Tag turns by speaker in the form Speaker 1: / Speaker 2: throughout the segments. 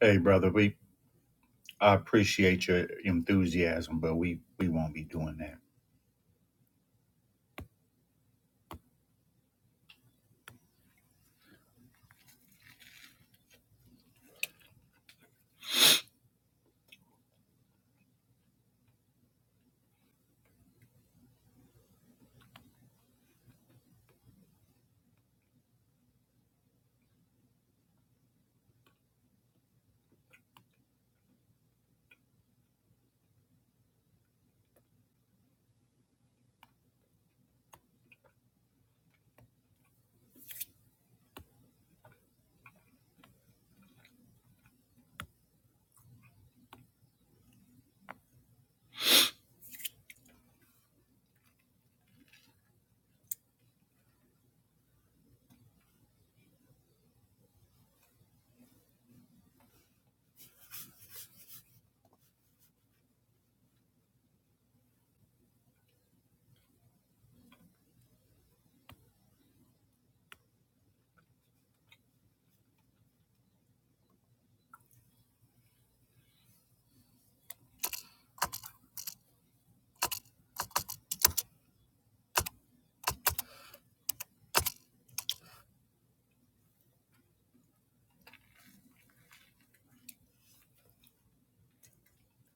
Speaker 1: Hey, brother, we I appreciate your enthusiasm, but we we won't be doing that.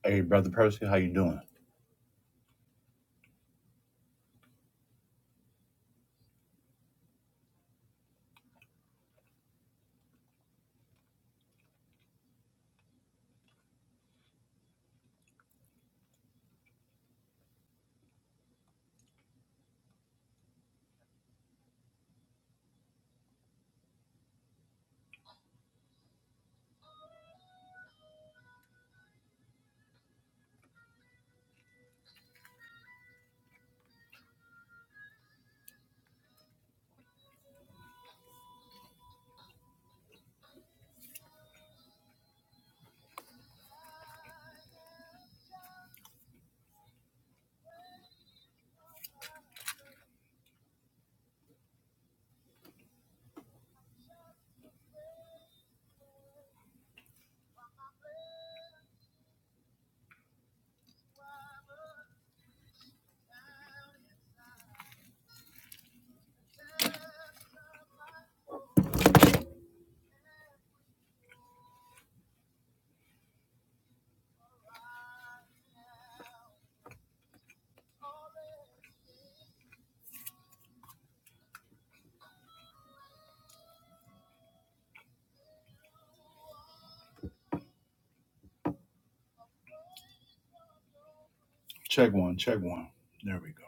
Speaker 1: Hey, brother Percy, how you doing? Check one, check one. There we go.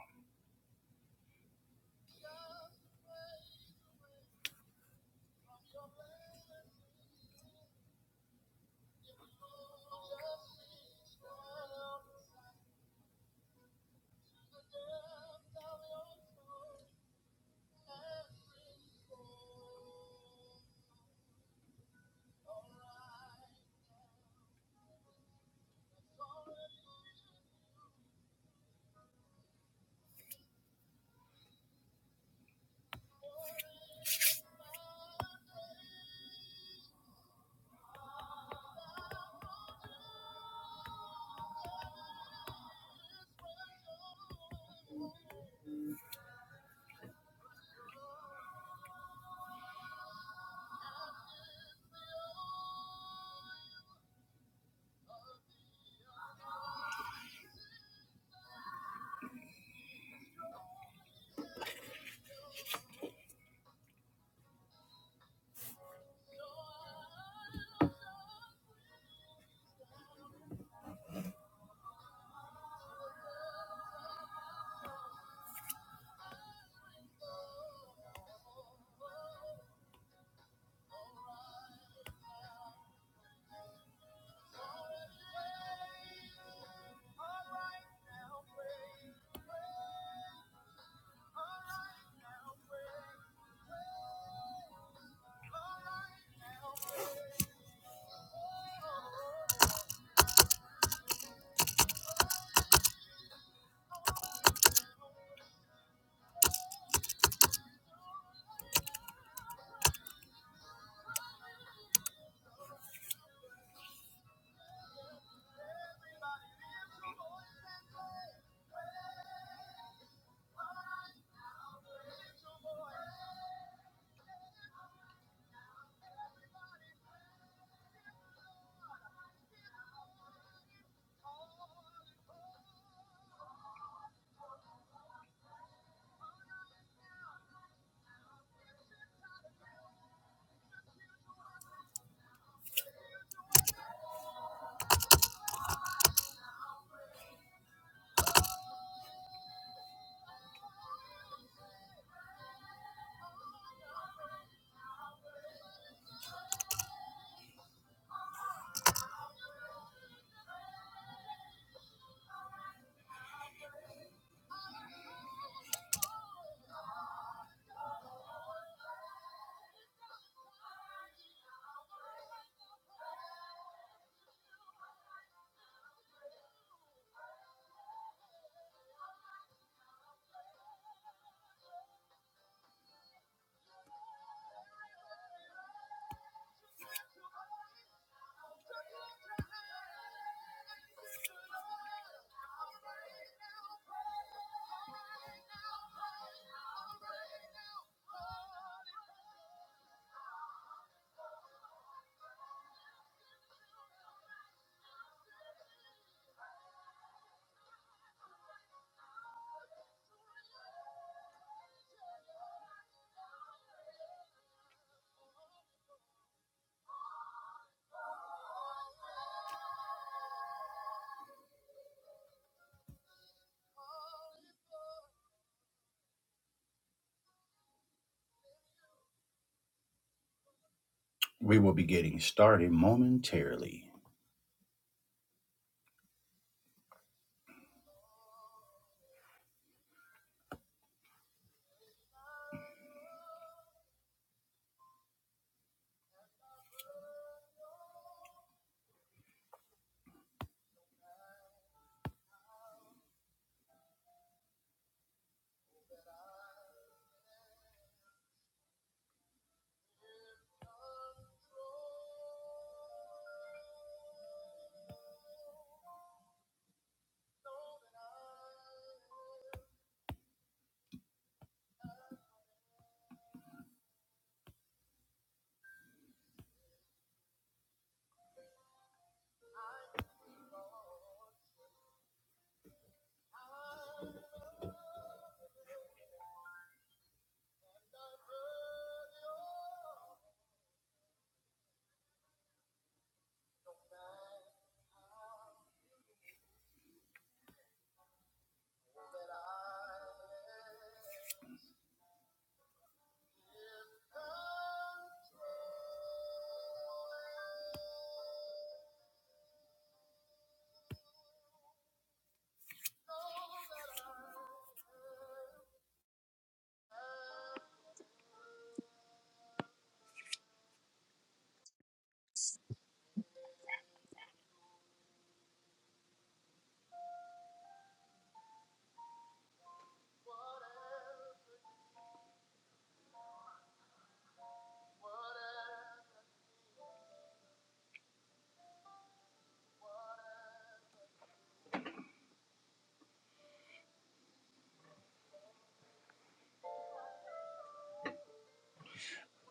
Speaker 1: We will be getting started momentarily.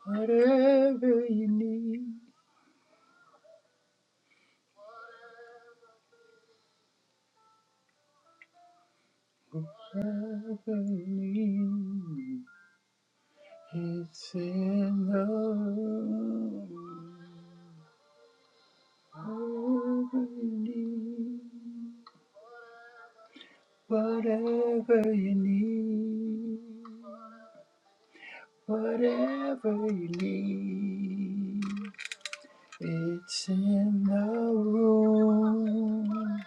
Speaker 1: Whatever you need, whatever you need, it's in the love. Whatever you need, whatever you need. Whatever you need, it's in the room.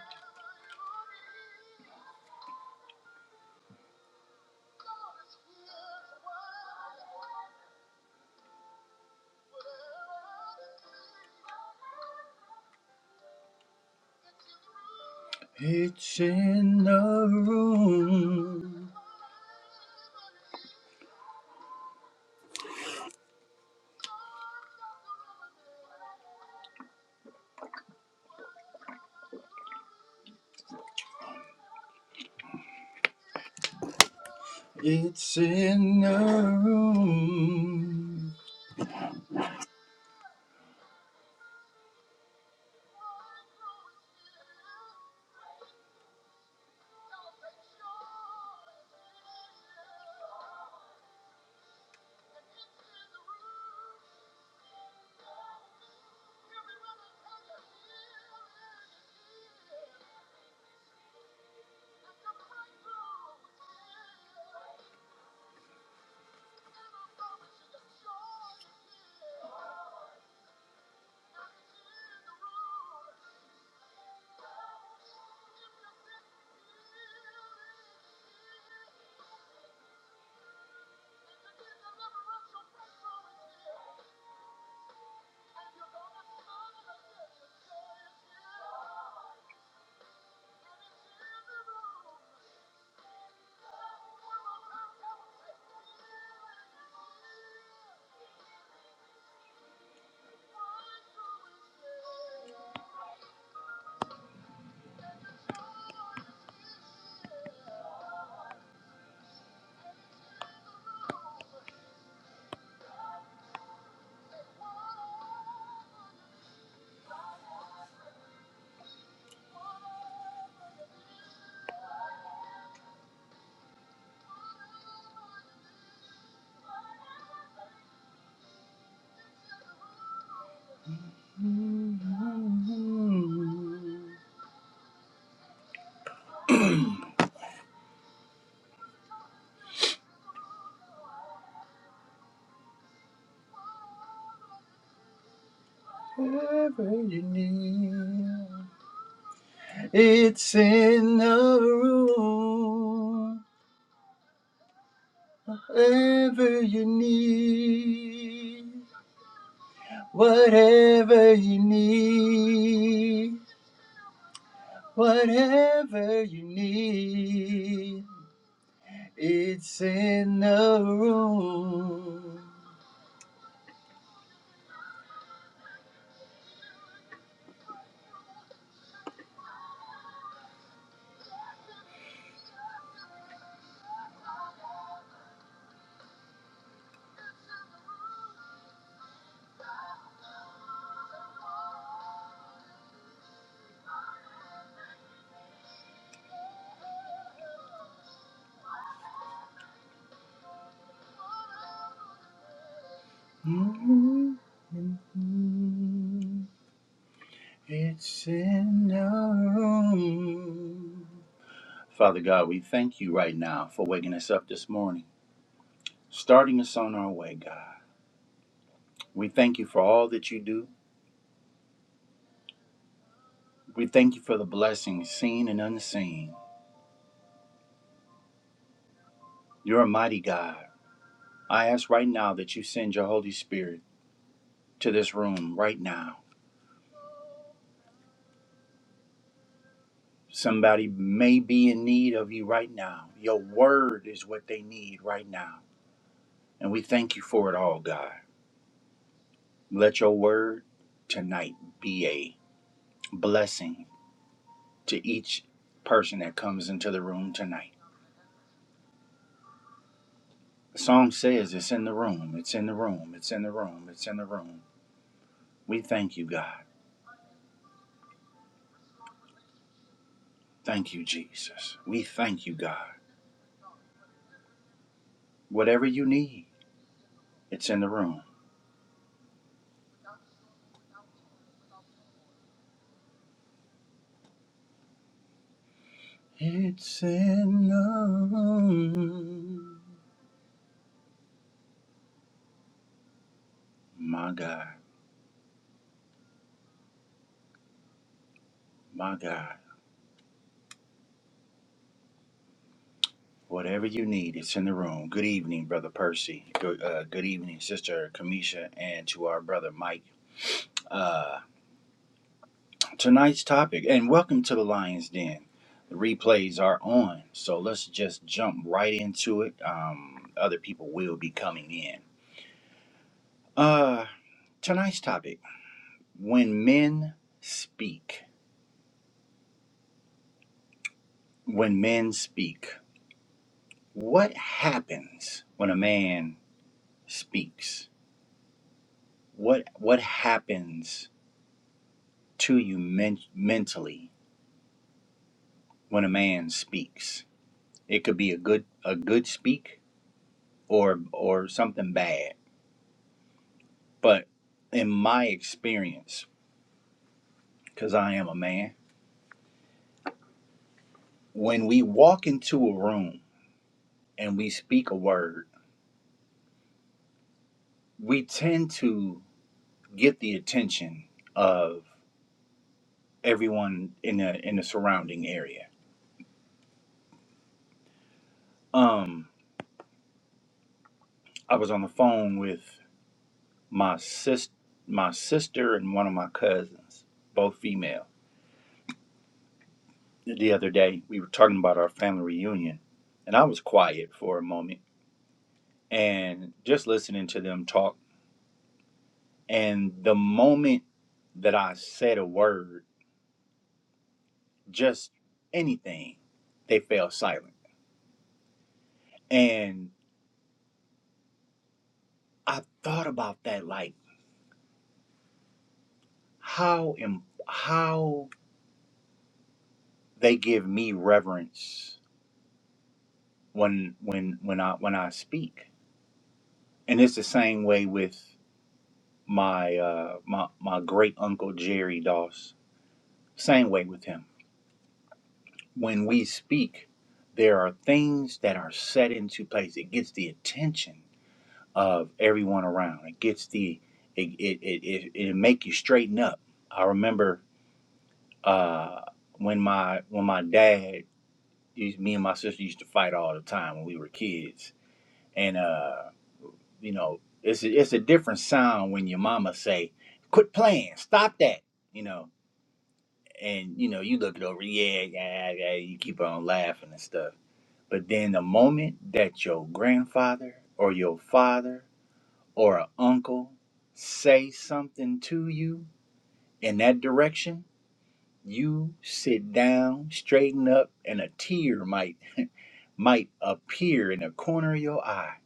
Speaker 1: It's in the room. It's in the room. Whatever you need, it's in the room. Whatever you need. Whatever you need, whatever you need, it's in the room. Mm-hmm. It's in the room. Father God, we thank you right now for waking us up this morning, starting us on our way, God. We thank you for all that you do. We thank you for the blessings seen and unseen. You're a mighty God. I ask right now that you send your Holy Spirit to this room right now. Somebody may be in need of you right now. Your word is what they need right now. And we thank you for it all, God. Let your word tonight be a blessing to each person that comes into the room tonight. The song says it's in the room, it's in the room, it's in the room, it's in the room. We thank you, God. Thank you, Jesus. We thank you, God. Whatever you need, it's in the room. It's in the My God, my God. Whatever you need, it's in the room. Good evening, Brother Percy. Good, uh, good evening, Sister Kamisha, and to our brother Mike. Uh, tonight's topic, and welcome to the Lion's Den. The replays are on, so let's just jump right into it. Um, other people will be coming in. Uh, tonight's topic when men speak, when men speak. What happens when a man speaks? What what happens to you men- mentally when a man speaks? It could be a good a good speak or or something bad. But in my experience, cuz I am a man, when we walk into a room and we speak a word, we tend to get the attention of everyone in the in the surrounding area. Um I was on the phone with my sis my sister and one of my cousins, both female. The other day we were talking about our family reunion and I was quiet for a moment and just listening to them talk and the moment that I said a word, just anything, they fell silent. And I thought about that like how im- how they give me reverence when when when I when I speak. And it's the same way with my uh, my my great uncle Jerry Doss. Same way with him. When we speak, there are things that are set into place. It gets the attention of everyone around. It gets the it it it it, it make you straighten up. I remember uh, when my when my dad used me and my sister used to fight all the time when we were kids, and uh, you know it's a, it's a different sound when your mama say, "Quit playing, stop that," you know and you know you look it over yeah yeah yeah you keep on laughing and stuff but then the moment that your grandfather or your father or an uncle say something to you in that direction you sit down straighten up and a tear might might appear in the corner of your eye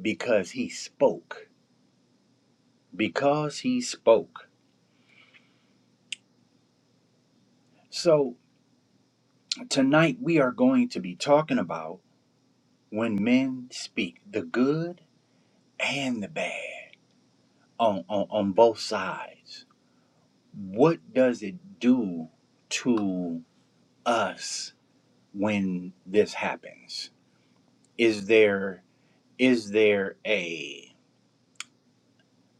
Speaker 1: because he spoke because he spoke so tonight we are going to be talking about when men speak the good and the bad on, on, on both sides, what does it do to us when this happens? Is there is there a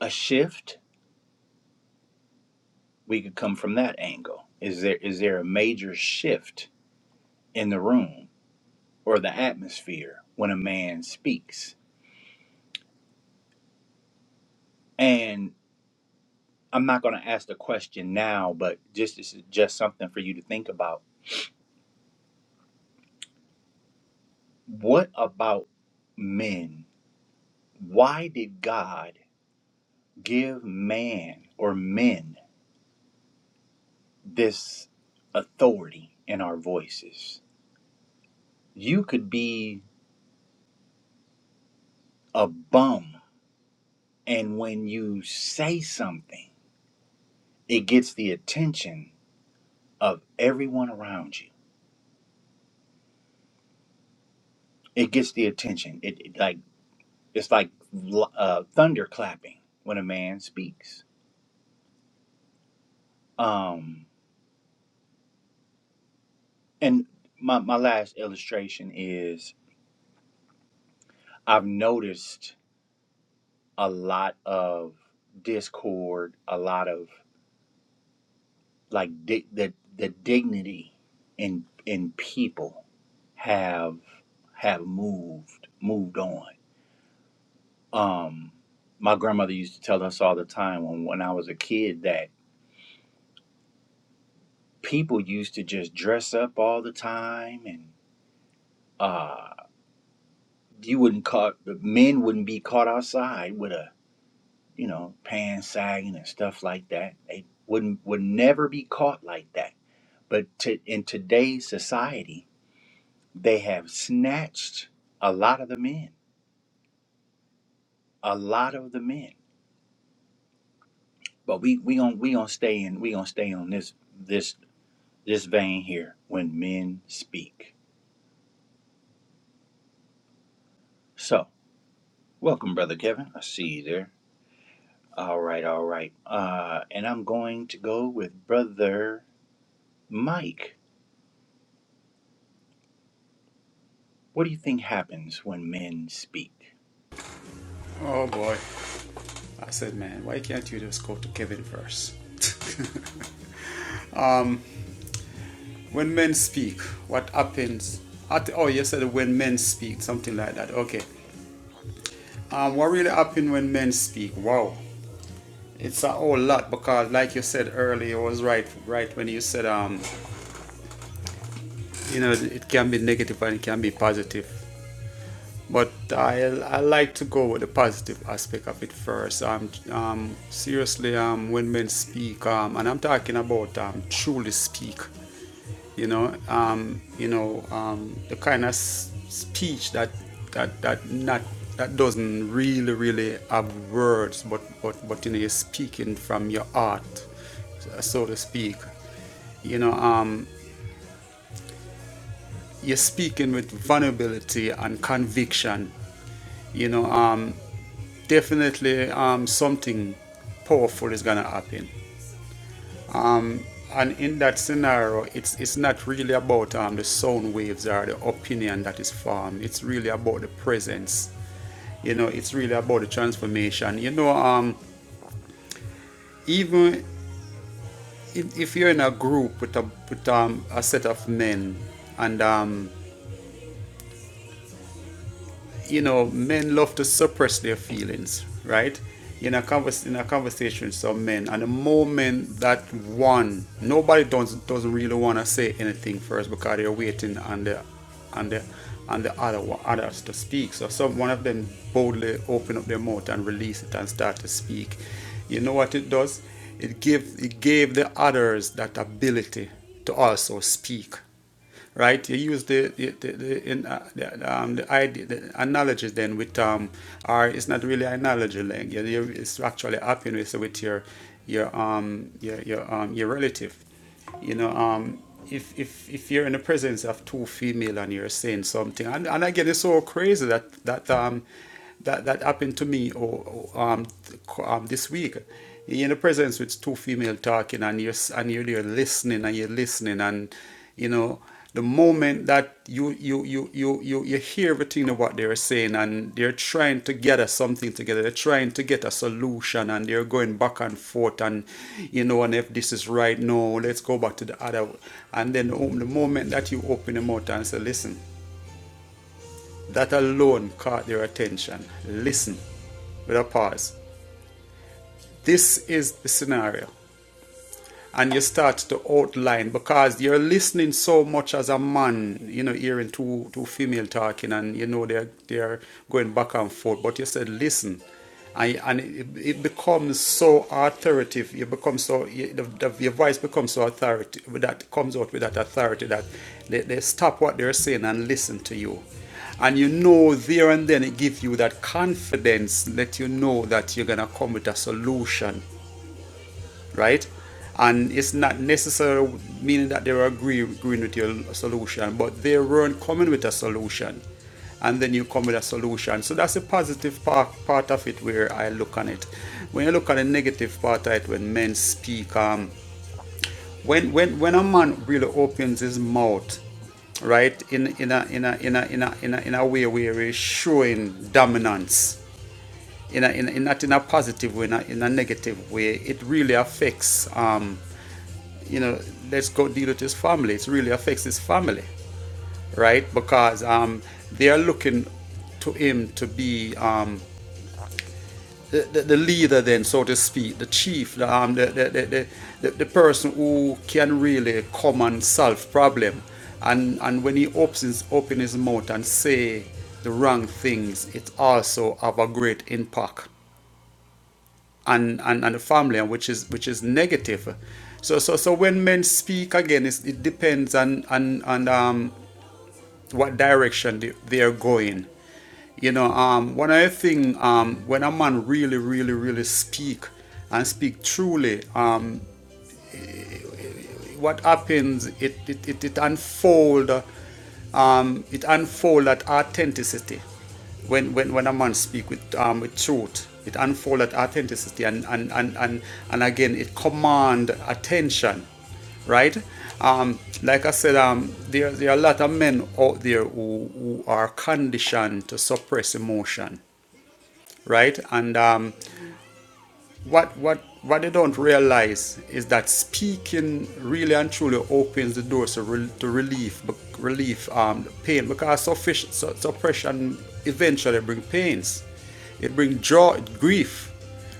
Speaker 1: a shift? We could come from that angle. Is there is there a major shift in the room or the atmosphere when a man speaks? And I'm not going to ask the question now, but just this is just something for you to think about What about men? Why did God give man or men this authority in our voices? You could be a bum, and when you say something, it gets the attention of everyone around you. It gets the attention. It, it like it's like l- uh, thunder clapping when a man speaks. Um, and my my last illustration is I've noticed a lot of discord, a lot of like di- the the dignity in in people have have moved moved on. Um, my grandmother used to tell us all the time when when I was a kid that people used to just dress up all the time and uh you wouldn't caught the men wouldn't be caught outside with a you know pants sagging and stuff like that they wouldn't would never be caught like that But to, in today's society, they have snatched a lot of the men, a lot of the men. But we we gonna we gonna stay in we gonna stay on this this this vein here when men speak. So welcome, brother Kevin. I see you there. All right, all right. Uh, and I'm going to go with brother Mike. What do you think happens when men speak?
Speaker 2: Oh boy. I said, man, why can't you just go to Kevin first? when men speak, what happens? At, oh, you said when men speak, something like that. Okay. Um, what really happens when men speak? Wow. It's a whole lot because, like you said earlier, I was right, right when you said, um, you know, it can be negative and it can be positive. But I, I like to go with the positive aspect of it first. Um, um, seriously, um, when men speak, um, and I'm talking about um, truly speak you know, um, you know, um, the kind of s- speech that that that not that doesn't really really have words, but but but you know, you're speaking from your heart, so to speak. You know, um, you're speaking with vulnerability and conviction. You know, um, definitely um, something powerful is gonna happen. And in that scenario, it's it's not really about um, the sound waves or the opinion that is formed. It's really about the presence. You know, it's really about the transformation. You know, um, even if, if you're in a group with a with um, a set of men, and um, you know, men love to suppress their feelings, right? In a, convers- in a conversation, some men, and the moment that one, nobody doesn't doesn't really want to say anything first because they're waiting on the, on the, on the other others to speak. So some one of them boldly open up their mouth and release it and start to speak. You know what it does? It give it gave the others that ability to also speak right? You use the the, the, the, in, uh, the, um, the idea, the analogy then with um, or it's not really analogy, like you, you, it's actually happening with your your um your your um your relative, you know um. If, if, if you're in the presence of two female and you're saying something and, and again it's so crazy that that um that, that happened to me or oh, um, um, this week. You're in the presence with two female talking and you're, and you're there listening and you're listening and, you know, the moment that you you you you you, you hear everything of what they're saying and they're trying to gather something together they're trying to get a solution and they're going back and forth and you know and if this is right no let's go back to the other and then the moment that you open them out and say listen that alone caught their attention. Listen with a pause. This is the scenario and you start to outline because you're listening so much as a man, you know, hearing two two female talking and you know they're they're going back and forth. But you said listen, and and it, it becomes so authoritative. You become so you, the, the, your voice becomes so authoritative that comes out with that authority that they, they stop what they're saying and listen to you. And you know there and then it gives you that confidence, let you know that you're gonna come with a solution right? And it's not necessarily meaning that they were agree, agreeing with your solution, but they weren't coming with a solution. And then you come with a solution. So that's the positive part, part of it where I look on it. When you look at the negative part of it, when men speak, um, when, when, when a man really opens his mouth, right, in, in, a, in, a, in, a, in, a, in, a, in a way where he's showing dominance, in a, in a, not in a positive way, in a, in a negative way, it really affects. Um, you know, let's go deal with his family. It really affects his family, right? Because um, they are looking to him to be um, the, the, the leader, then, so to speak, the chief, the, um, the, the, the, the, the, person who can really come and solve problem. And, and when he opens his, open his mouth and say the wrong things, it also have a great impact and, and, and the family, and which is which is negative. So so so when men speak again, it's, it depends on on, on um, what direction they, they are going. You know, um, one other thing um, when a man really really really speak and speak truly, um, what happens, it, it, it, it unfold, um, it unfold that authenticity. When, when, when a man speaks with, um, with truth, it unfolds that authenticity and, and, and, and, and again, it commands attention right? Um, like I said, um, there, there are a lot of men out there who, who are conditioned to suppress emotion, right? And um, what what what they don't realize is that speaking really and truly opens the doors to, rel to relief relief um pain because suffic- su- suppression eventually brings pains it brings joy grief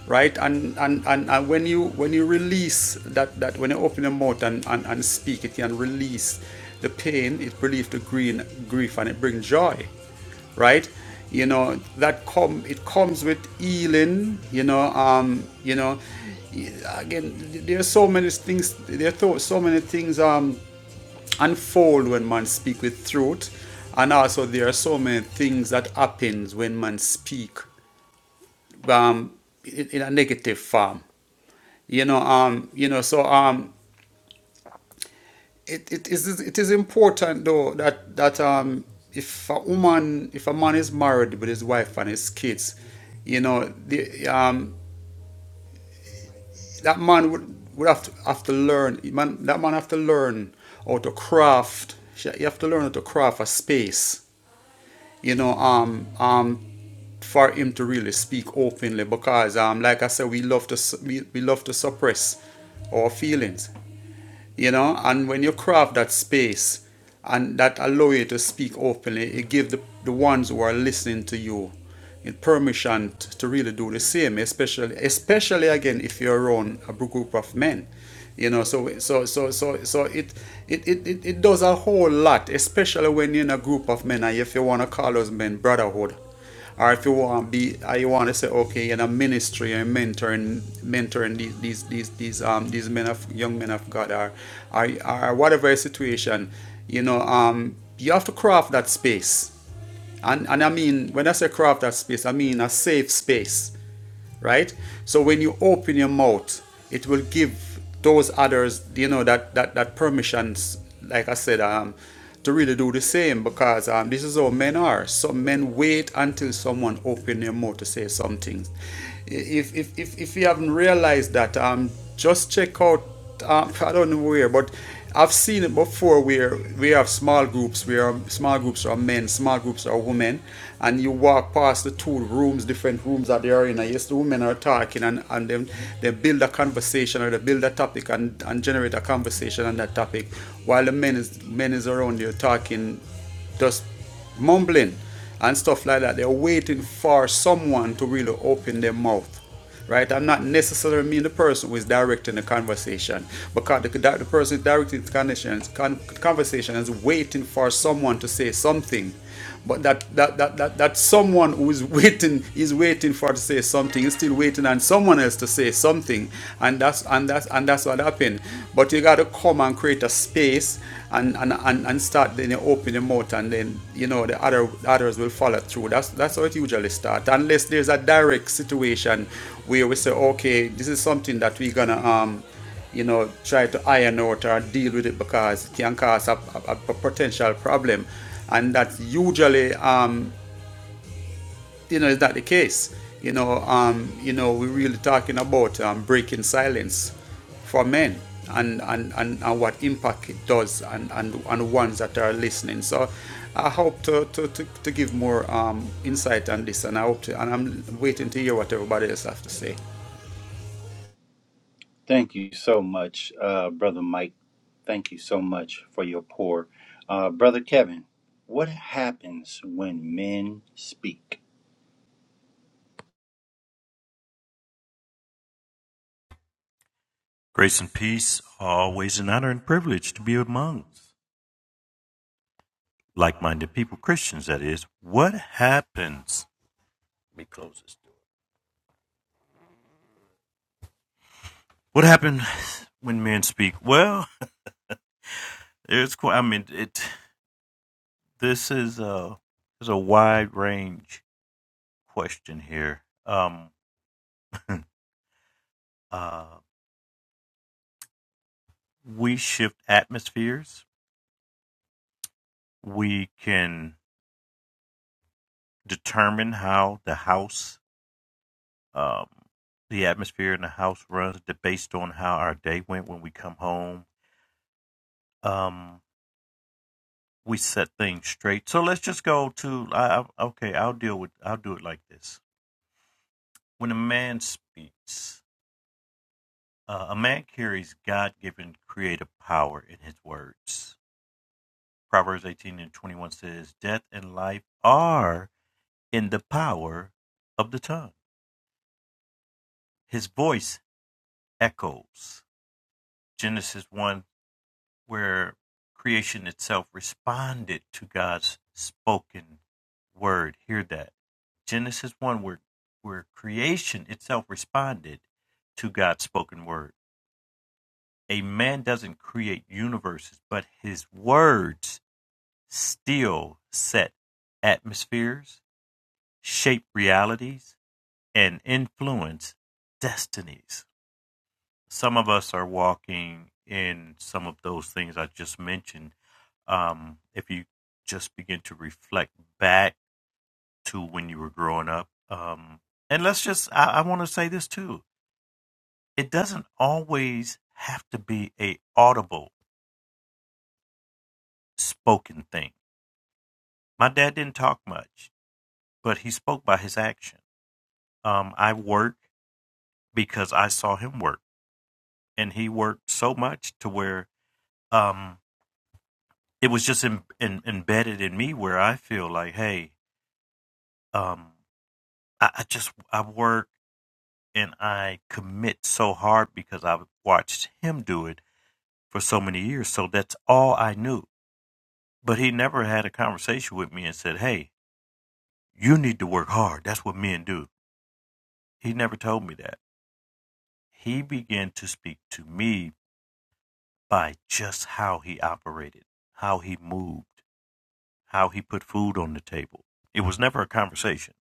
Speaker 2: right and, and and and when you when you release that that when you open your mouth and and, and speak it can release the pain it relieves the green grief and it brings joy right? You know that com it comes with healing. You know, um, you know, again, there are so many things. There are tho- so many things um unfold when man speak with truth, and also there are so many things that happens when man speak um in, in a negative form. You know, um, you know, so um, it, it is it is important though that that um if a woman if a man is married with his wife and his kids, you know the um that man would would have to have to learn man that man have to learn how to craft you have to learn how to craft a space you know um um for him to really speak openly because um like I said we love to su- we, we love to suppress our feelings you know and when you craft that space and that allow you to speak openly it gives the, the ones who are listening to you in permission t- to really do the same especially especially again if you're around a group of men you know so so so so so it it it, it, it does a whole lot especially when you're in a group of men and if you want to call those men brotherhood or if you want be or you want to say okay in a ministry and mentoring mentoring these these these these um these men of young men of God or or, or whatever situation you know um you have to craft that space and and I mean when I say craft that space I mean a safe space right? So when you open your mouth, it will give those others, you know, that that that permissions, like I said, um, to really do the same because um, this is how men are. Some men wait until someone open their mouth to say something if if if, if you haven't realized that, um, just check out. Um, I don't know where, but I've seen it before where we have small groups where um, small groups are men, small groups are women, and you walk past the two rooms, different rooms that they are in. And yes, the women are talking and, and then they build a conversation or they build a topic and, and generate a conversation on that topic while the men is men is around you talking just mumbling and stuff like that. They're waiting for someone to really open their mouth. Right? I'm not necessarily mean the person who is directing the conversation because the, the person directing the conditions, con- conversation is waiting for someone to say something but that that that that, that someone who is waiting is waiting for to say something, is still waiting on someone else to say something. And that's and that's and that's what happened. But you gotta come and create a space and and, and, and start then you open your mouth and then you know the other others will follow through. That's that's how it usually starts. Unless there's a direct situation where we say, okay, this is something that we're gonna um you know, try to iron out or deal with it because it can cause a, a, a potential problem. And that's usually, um, you know, is that the case? You know, um, you know, we're really talking about um, breaking silence for men and, and, and, and what impact it does and, and, and ones that are listening. So I hope to, to, to, to give more um, insight on this and I hope to, and I'm waiting to hear what everybody else has to say.
Speaker 1: Thank you so much, uh, Brother Mike. Thank you so much for your pour. Uh, Brother Kevin, what happens when men speak?
Speaker 3: Grace and peace are always an honor and privilege to be amongst like minded people, Christians, that is. What happens? Let me close this door. What happens when men speak? Well, there's, I mean, it. this is a, there's a wide range question here. Um, uh, we shift atmospheres, we can determine how the house, um, the atmosphere in the house runs based on how our day went when we come home um, we set things straight. So let's just go to I, I, okay. I'll deal with. I'll do it like this. When a man speaks, uh, a man carries God-given creative power in his words. Proverbs eighteen and twenty-one says, "Death and life are in the power of the tongue. His voice echoes. Genesis 1, where creation itself responded to God's spoken word. Hear that. Genesis 1, where, where creation itself responded to God's spoken word. A man doesn't create universes, but his words still set atmospheres, shape realities, and influence destinies. Some of us are walking in some of those things I just mentioned um, if you just begin to reflect back to when you were growing up. Um, and let's just, I, I want to say this too. It doesn't always have to be a audible spoken thing. My dad didn't talk much, but he spoke by his action. Um, I work because I saw him work and he worked so much to where, um, it was just in, in, embedded in me where I feel like, Hey, um, I, I just, I work and I commit so hard because I've watched him do it for so many years. So that's all I knew. But he never had a conversation with me and said, Hey, you need to work hard. That's what men do. He never told me that. He began to speak to me by just how he operated, how he moved, how he put food on the table. It was never a conversation.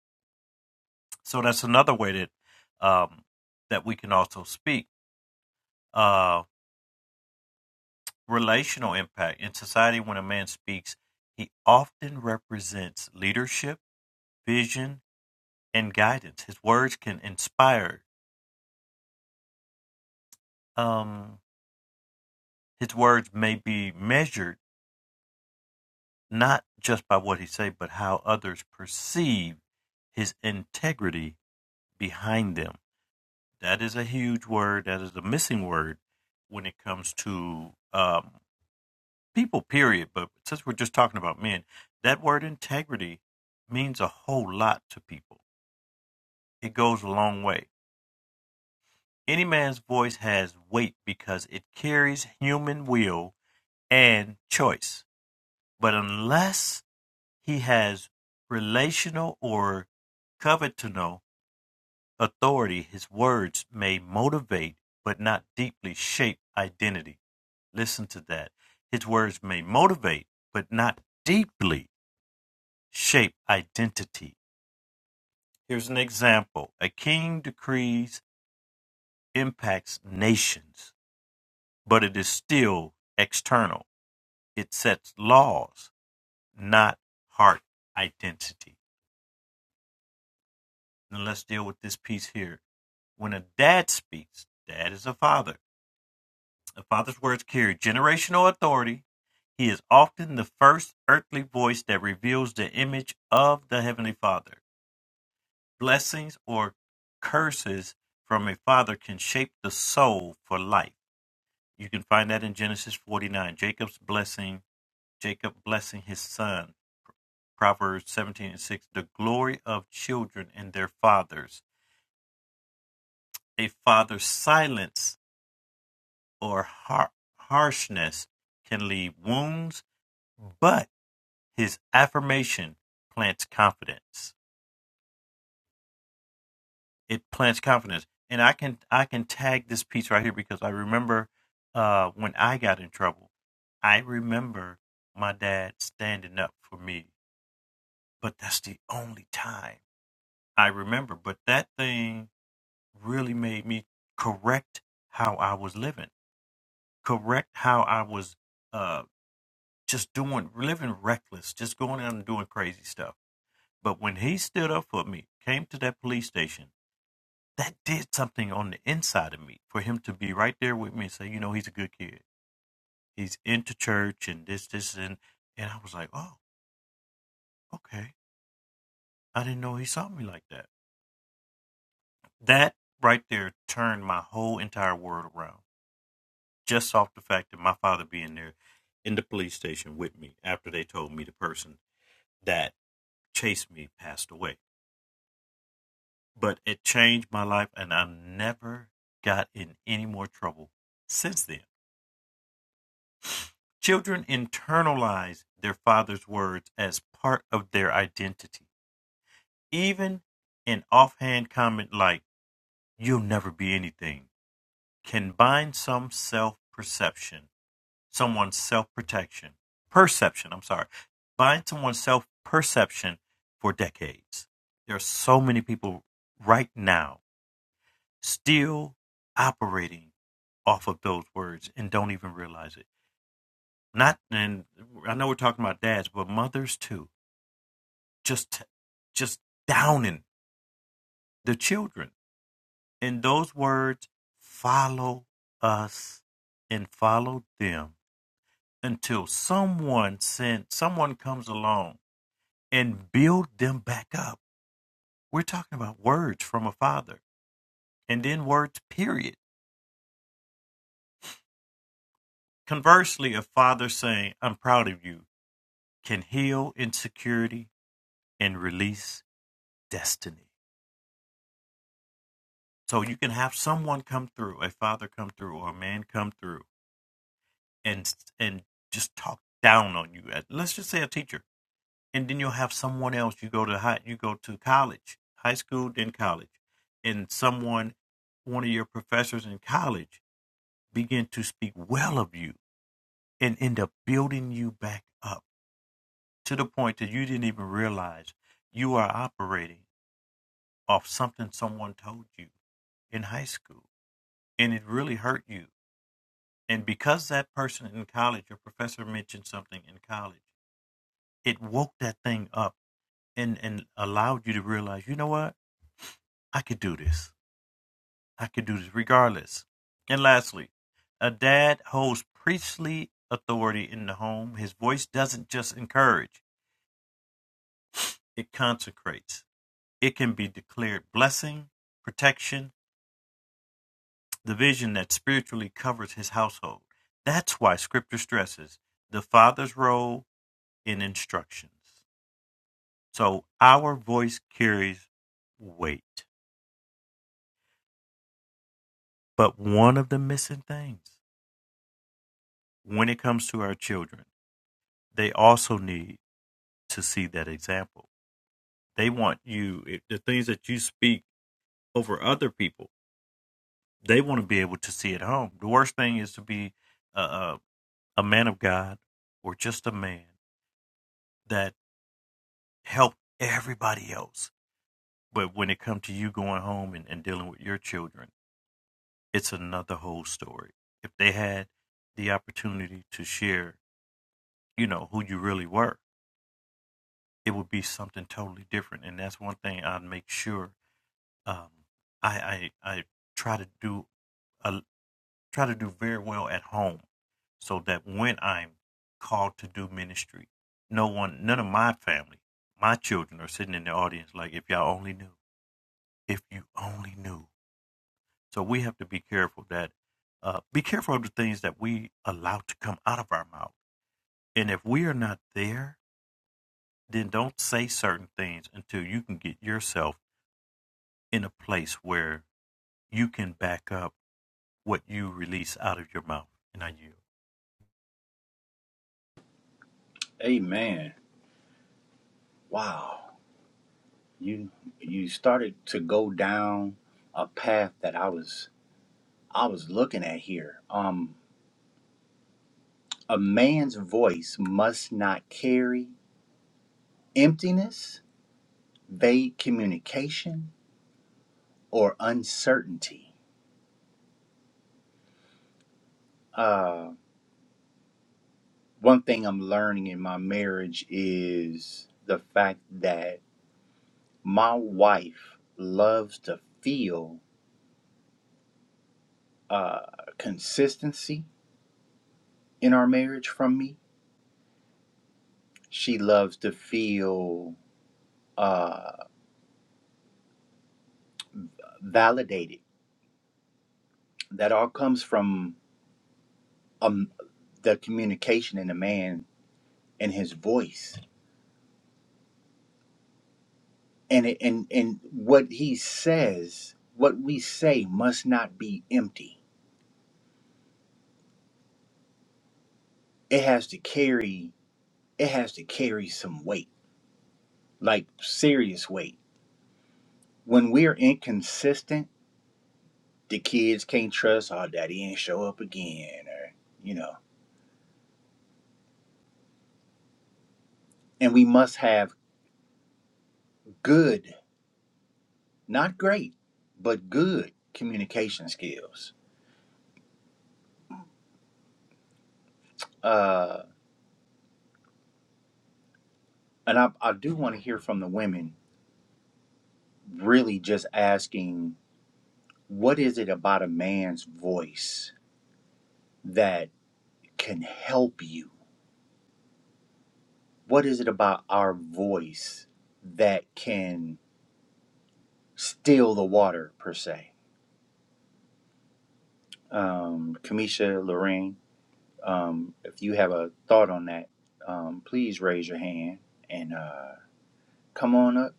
Speaker 3: So that's another way that um, that we can also speak. Um, relational impact. In society, when a man speaks, he often represents leadership, vision, and guidance. His words can inspire. Um, his words may be measured not just by what he says, but how others perceive his integrity behind them. That is a huge word. That is a missing word when it comes to um, people, period. But since we're just talking about men, that word integrity means a whole lot to people. It goes a long way. Any man's voice has weight because it carries human will and choice. But unless he has relational or covenantal authority, his words may motivate but not deeply shape identity. Listen to that. His words may motivate but not deeply shape identity. Here's an example a king decrees impacts nations, but it is still external. It sets laws, not heart identity. And let's deal with this piece here. When a dad speaks, dad is a father. A father's words carry generational authority. He is often the first earthly voice that reveals the image of the Heavenly Father. Blessings or curses from a father can shape the soul for life. You can find that in Genesis 49. Jacob's blessing, Jacob blessing his son. Proverbs 17 and 6. The glory of children and their fathers. A father's silence or har- harshness can leave wounds, but his affirmation plants confidence. it plants confidence. And I can I can tag this piece right here because I remember uh, when I got in trouble. I remember my dad standing up for me, but that's the only time I remember. But that thing really made me correct how I was living, correct how I was uh, just doing, living reckless, just going out and doing crazy stuff. But when he stood up for me, came to that police station that did something on the inside of me for him to be right there with me and say, you know, he's a good kid. He's into church and this, this, and and I was like, oh, okay. I didn't know he saw me like that. That right there turned my whole entire world around. Just off the fact that my father being there in the police station with me after they told me the person that chased me passed away. But it changed my life and I never got in any more trouble since then Children internalize their father's words as part of their identity. Even an offhand comment like, you'll never be anything, can bind some self perception, someone's self protection, perception, I'm sorry, bind someone's self perception for decades. There are so many people right now still operating off of those words and don't even realize it. Not, and I know we're talking about dads, but mothers too just just downing the children. And those words follow us and follow them until someone sent someone comes along and build them back up. We're talking about words from a father and then words period. Conversely, a father saying, I'm proud of you, can heal insecurity and release destiny. So you can have someone come through, a father come through, or a man come through, and and just talk down on you. Uh, Let's just say a teacher, and then you'll have someone else. You go to high, you go to college, high school, then college, and someone, one of your professors in college, begin to speak well of you and end up building you back up to the point that you didn't even realize you are operating off something someone told you in high school, and it really hurt you. And because that person in college, your professor mentioned something in college it woke that thing up and and allowed you to realize, you know what? I could do this. I could do this regardless. And lastly, a dad holds priestly authority in the home. His voice doesn't just encourage, it consecrates. It can be declared blessing, protection, the vision that spiritually covers his household. That's why scripture stresses the father's role in instructions. So our voice carries weight. But one of the missing things when it comes to our children, they also need to see that example. They want you, if the things that you speak over other people, they want to be able to see at home. The worst thing is to be a, a, a man of God or just a man that helped everybody else. But when it comes to you going home and, and dealing with your children, it's another whole story. If they had the opportunity to share, you know, who you really were, it would be something totally different. And that's one thing I'd make sure um, I, I I try to do uh, try to do very well at home, so that when I'm called to do ministry, no one, none of my family, my children are sitting in the audience like, if y'all only knew, if you only knew. So we have to be careful that uh, be careful of the things that we allow to come out of our mouth. And if we are not there, then don't say certain things until you can get yourself in a place where you can back up what you release out of your mouth. And I yield.
Speaker 1: Amen. Wow. You you started to go down a path that I was I was looking at here. Um a man's voice must not carry emptiness, vague communication, or uncertainty. Uh, one thing I'm learning in my marriage is the fact that my wife loves to feel uh, consistency in our marriage from me. She loves to feel uh, validated. That all comes from um, the communication in a man and his voice, and it, and and what he says, what we say must not be empty. It has to carry. It has to carry some weight like serious weight. When we're inconsistent, the kids can't trust our daddy ain't show up again, or you know. And we must have good, not great, but good communication skills. Uh, and I, I do want to hear from the women, really just asking, what is it about a man's voice that can help you? What is it about our voice that can still the water per se? um, Kamisha, Lorraine, um, if you have a thought on that, um, please raise your hand and uh, come on up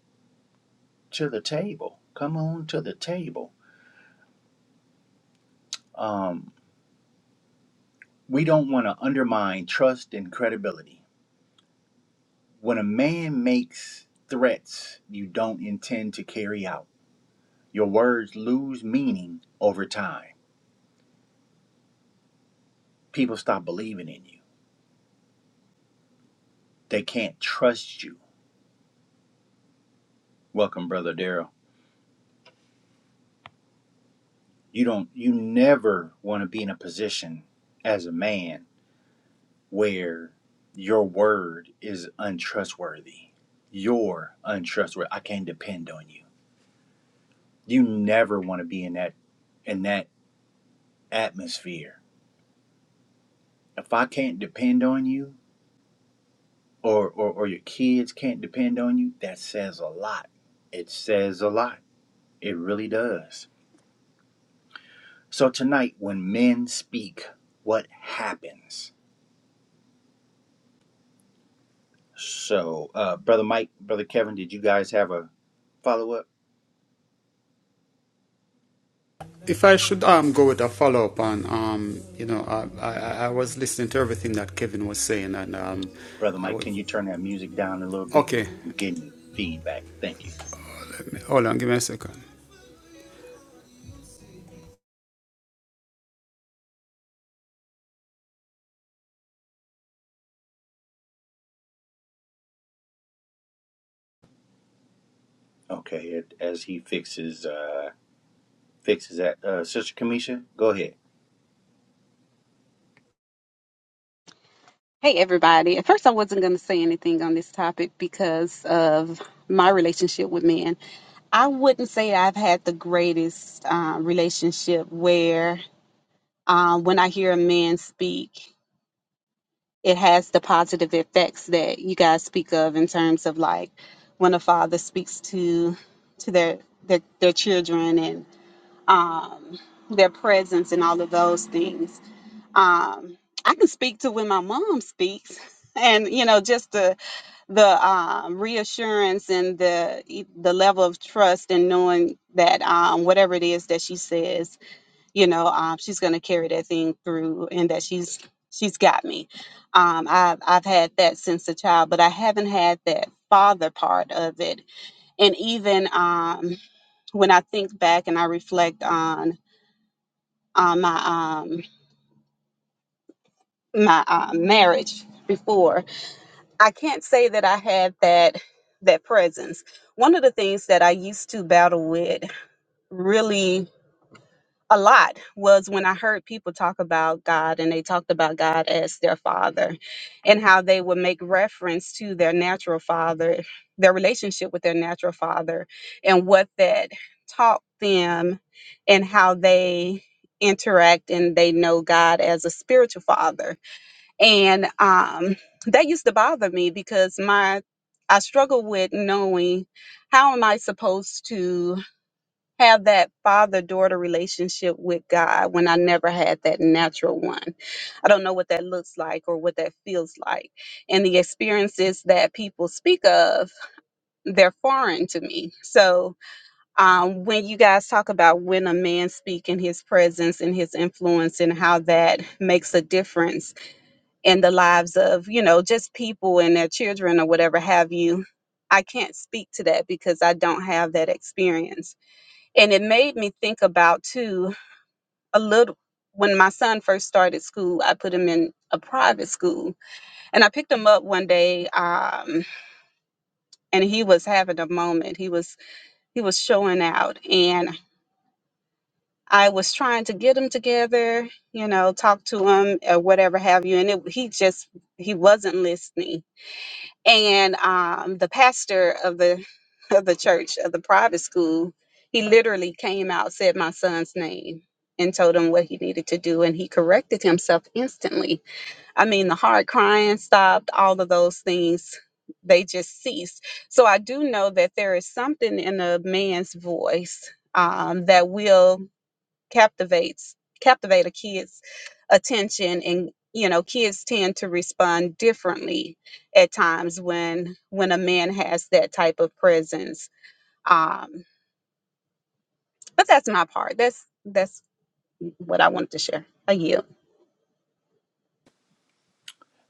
Speaker 1: to the table. Come on to the table. Um, we don't want to undermine trust and credibility. When a man makes threats you don't intend to carry out, your words lose meaning over time. People stop believing in you, they can't trust you. Welcome, Brother Daryl. You don't you never want to be in a position as a man where your word is untrustworthy. You're untrustworthy. I can't depend on you. You never want to be in that in that atmosphere. If I can't depend on you or, or or your kids can't depend on you, that says a lot. It says a lot. It really does. So tonight when men speak, what happens? So, uh, brother Mike, brother Kevin, did you guys have a follow up?
Speaker 2: If I should um, go with a follow up on, um, you know, I, I, I was listening to everything that Kevin was saying, and um,
Speaker 1: Brother
Speaker 2: I
Speaker 1: Mike,
Speaker 2: would.
Speaker 1: can you turn that music down a little bit?
Speaker 2: Okay,
Speaker 1: I'm getting feedback. Thank you.
Speaker 2: hold on, give me a second.
Speaker 1: Okay, it- as he fixes uh, fixes that, uh, Sister Kamisha, go ahead.
Speaker 4: Hey, everybody. At first, I wasn't going to say anything on this topic because of my relationship with men. I wouldn't say I've had the greatest uh, relationship where um, when I hear a man speak, it has the positive effects that you guys speak of in terms of like when a father speaks to to their their, their children and um, their presence and all of those things. Um, I can speak to when my mom speaks, and you know, just the the um, reassurance and the e- the level of trust and knowing that um, whatever it is that she says, you know, um, she's going to carry that thing through, and that she's she's got me. Um, I've I've had that since a child, but I haven't had that father part of it. And even um, when I think back and I reflect on on my um, my uh, marriage before, I can't say that I had that that presence. One of the things that I used to battle with really a lot was when I heard people talk about God and they talked about God as their father and how they would make reference to their natural father, their relationship with their natural father and what that taught them and how they interact and they know God as a spiritual father and um, that used to bother me because my I struggle with knowing how am I supposed to have that father daughter relationship with God when I never had that natural one. I don't know what that looks like or what that feels like. And the experiences that people speak of, they're foreign to me. So um, when you guys talk about when a man speak in his presence and his influence and how that makes a difference in the lives of you know just people and their children or whatever have you i can't speak to that because i don't have that experience and it made me think about too a little when my son first started school i put him in a private school and i picked him up one day um, and he was having a moment he was he was showing out and i was trying to get him together you know talk to him or whatever have you and it, he just he wasn't listening and um, the pastor of the of the church of the private school he literally came out said my son's name and told him what he needed to do and he corrected himself instantly i mean the hard crying stopped all of those things they just ceased so i do know that there is something in a man's voice um, that will captivates captivate a kid's attention and you know kids tend to respond differently at times when when a man has that type of presence um but that's my part that's that's what i wanted to share a you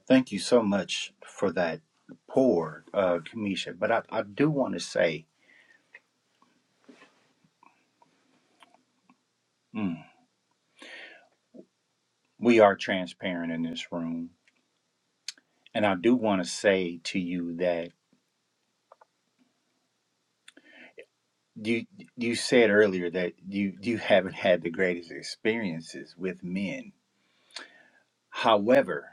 Speaker 1: Thank you so much for that pour, uh, Kamisha. But I, I do want to say mm, we are transparent in this room, and I do want to say to you that you you said earlier that you you haven't had the greatest experiences with men However,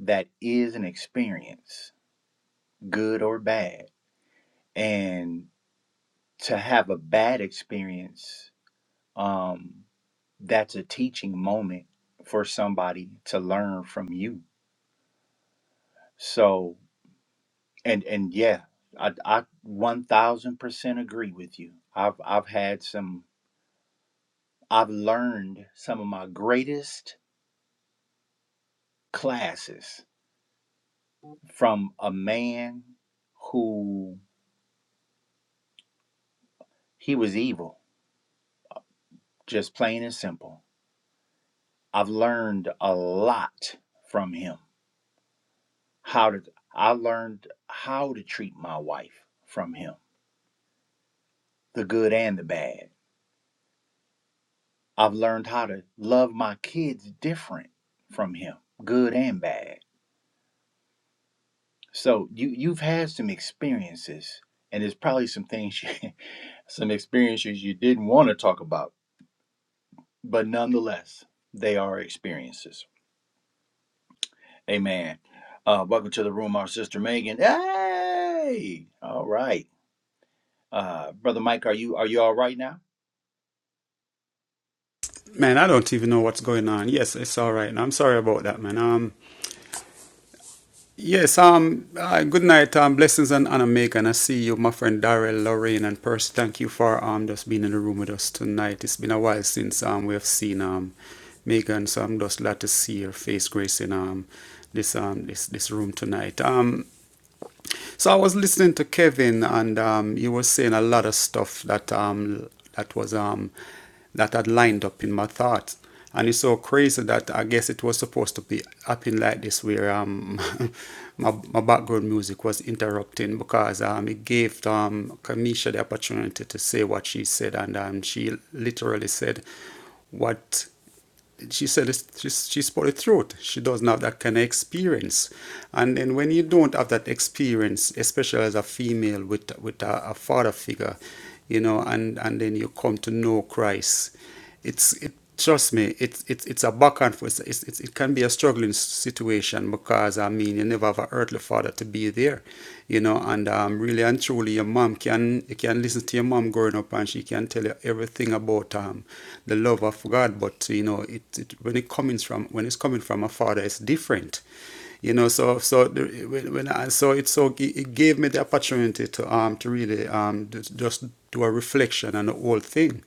Speaker 1: that is an experience, good or bad. And to have a bad experience, um, that's a teaching moment for somebody to learn from you. So, and and yeah, I I one thousand percent agree with you. I've I've had some. I've learned some of my greatest classes from a man who he was evil, just plain and simple I've learned a lot from him. How to I learned how to treat my wife from him, the good and the bad. I've learned how to love my kids different from him, good and bad. So you you've had some experiences and there's probably some things you, some experiences you didn't want to talk about, but nonetheless, they are experiences. Amen. Uh, welcome to the room, our sister Megan. Hey! All right. uh, brother Mike, are you are you all right now?
Speaker 2: Man, I don't even know what's going on. Yes, it's all right. I'm sorry about that, man. Um, yes, um, uh, good night, um, blessings and honor, make, and I see you, my friend Daryl, Lorraine, and Percy. Thank you for um just being in the room with us tonight. It's been a while since um we have seen um Megan, so I'm just glad to see your face, gracing um this um this this room tonight. Um, So I was listening to Kevin, and um, he was saying a lot of stuff that um, that was um, that had lined up in my thoughts. And it's so crazy that I guess it was supposed to be happening like this, where um, my, my background music was interrupting because um, it gave um, Kamisha the opportunity to say what she said, and um, she literally said what she said she it's just, she's polythroat. She doesn't have that kind of experience. And then when you don't have that experience, especially as a female with with a, a father figure, you know, and and then you come to know Christ, it's it. Trust me, it's it's it's a back and forth. It's, it's, it can be a struggling situation because I mean you never have an earthly father to be there, you know. And um, really and truly, your mom can you can listen to your mom growing up, and she can tell you everything thing about um, the love of God, but you know, it, it when it comes from when it's coming from a father, it's different. You know, so so the, when, when I, so it so it gave me the opportunity to um to really um just, just do a reflection on the whole thing,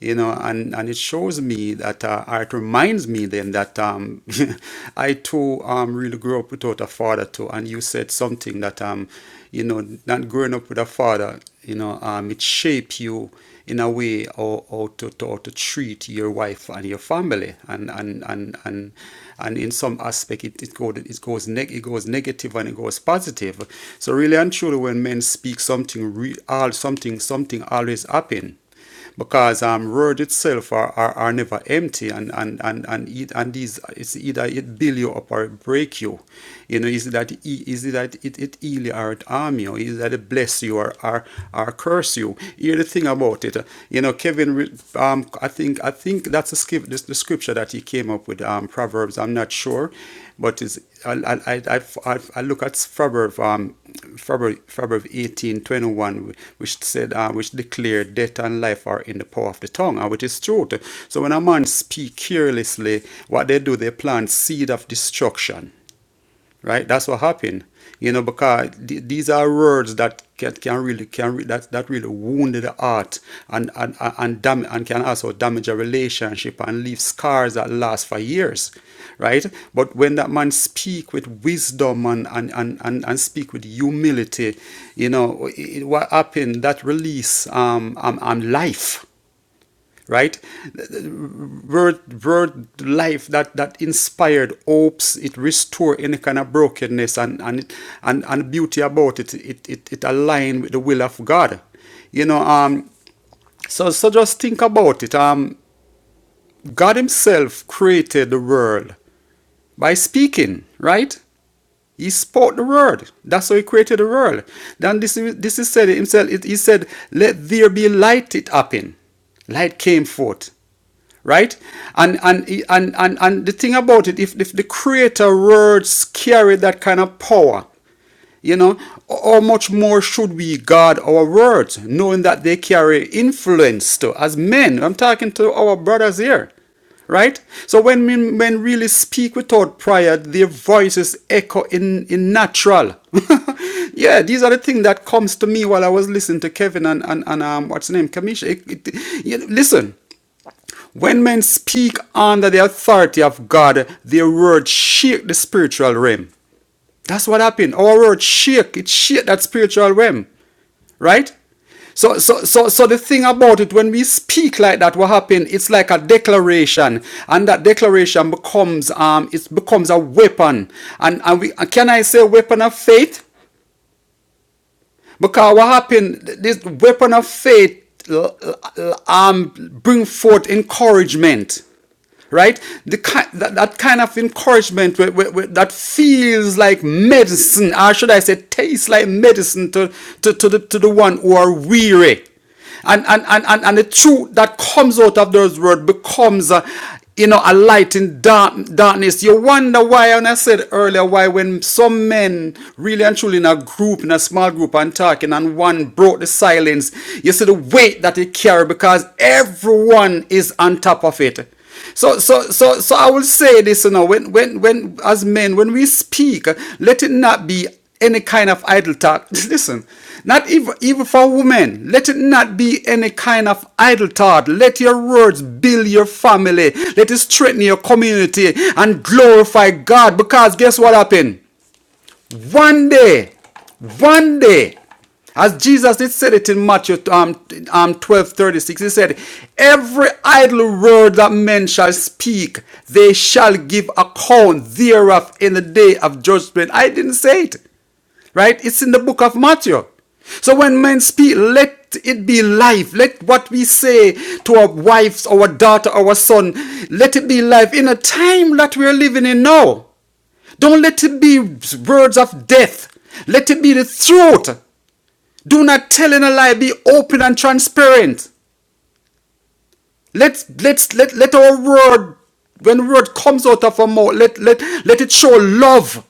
Speaker 2: you know, and and it shows me that uh, or it reminds me then that um I too um really grew up without a father too, and you said something that um you know, not growing up with a father, you know, um, it shape you in a way how, how, to, to, how to treat your wife and your family. And and and and, and in some aspect it, it goes it goes neg- it goes negative and it goes positive. So really and truly when men speak something re, all something something always happen because um, roads itself are, are, are never empty and and and and, it, and these it's either it build you up or it break you you know is it that e- is it that it, it heal you or it harm you is it that it bless you or or, or curse you hear the thing about it you know Kevin um I think I think that's a skip this the scripture that he came up with um Proverbs I'm not sure but is I, I, I, I, look at Proverbs um, Proverbs Proverbs 18 21 which said, uh, which declared death and life are in the power of the tongue, and which is true. So when a man speak carelessly, what they do, they plant seed of destruction right? That's what happened, you know, because th- these are words that can, can really can re- that that really wound the heart and and and and dam- and can also damage a relationship and leave scars that last for years, right? But when that man speak with wisdom and and and and, and speak with humility, you know, it, what happened that release um um, um life right word word life that that inspired hopes it restore any kind of brokenness and and and, and beauty about it it it, it align with the will of god you know um so so just think about it um god himself created the world by speaking right he spoke the word. That's how he created the world. Then this, this is said himself. It, he said, "Let there be light." It happened. Light came forth, right? And and and and, and the thing about it, if, if the creator words carry that kind of power, you know, how much more should we guard our words, knowing that they carry influence to as men? I'm talking to our brothers here, right? So when men, men really speak without prayer, their voices echo in, in natural. yeah, these are the things that comes to me while I was listening to Kevin and, and, and um, what's his name, Kamisha. It- it- you know, listen, when men speak under the authority of God, their words shake the spiritual realm. That's what happened. Our world shake. It shake that spiritual realm. Right? So, so, so, so the thing about it, when we speak like that, what happen? It's like a declaration, and that declaration becomes um, it becomes a weapon. And and we can I say weapon of faith? Because what happened, this weapon of faith um, bring forth encouragement, right? The ki- that, that kind of encouragement where- where- where that feels like medicine, or should I say, tastes like medicine to, to, to, the, to the one who are weary. And, and, and, and, and the truth that comes out of those words becomes, uh, you know, a light in dark, darkness. You wonder why, and I said earlier, why when some men really and truly in a group, in a small group, and talking, and one broke the silence, you see the weight that it carry because everyone is on top of it. So, so, so, so I will say this, you know, when, when, when, as men, when we speak, let it not be any kind of idle talk. Listen, not even, even for women. Let it not be any kind of idle thought. Let your words build your family. Let it strengthen your community and glorify God. Because guess what happened? One day, one day, as Jesus it said it in Matthew um, um, 12 thirty-six, he said, Every idle word that men shall speak, they shall give account thereof in the day of judgment. I didn't say it, right? It's in the book of Matthew. So when men speak, let it be life. Let what we say to our wives, our daughter, our son, let it be life in a time that we're living in now. Don't let it be words of death. Let it be the truth. Do not tell in a lie. Be open and transparent. Let let let let our word, when word comes out of our mouth, let let let it show love.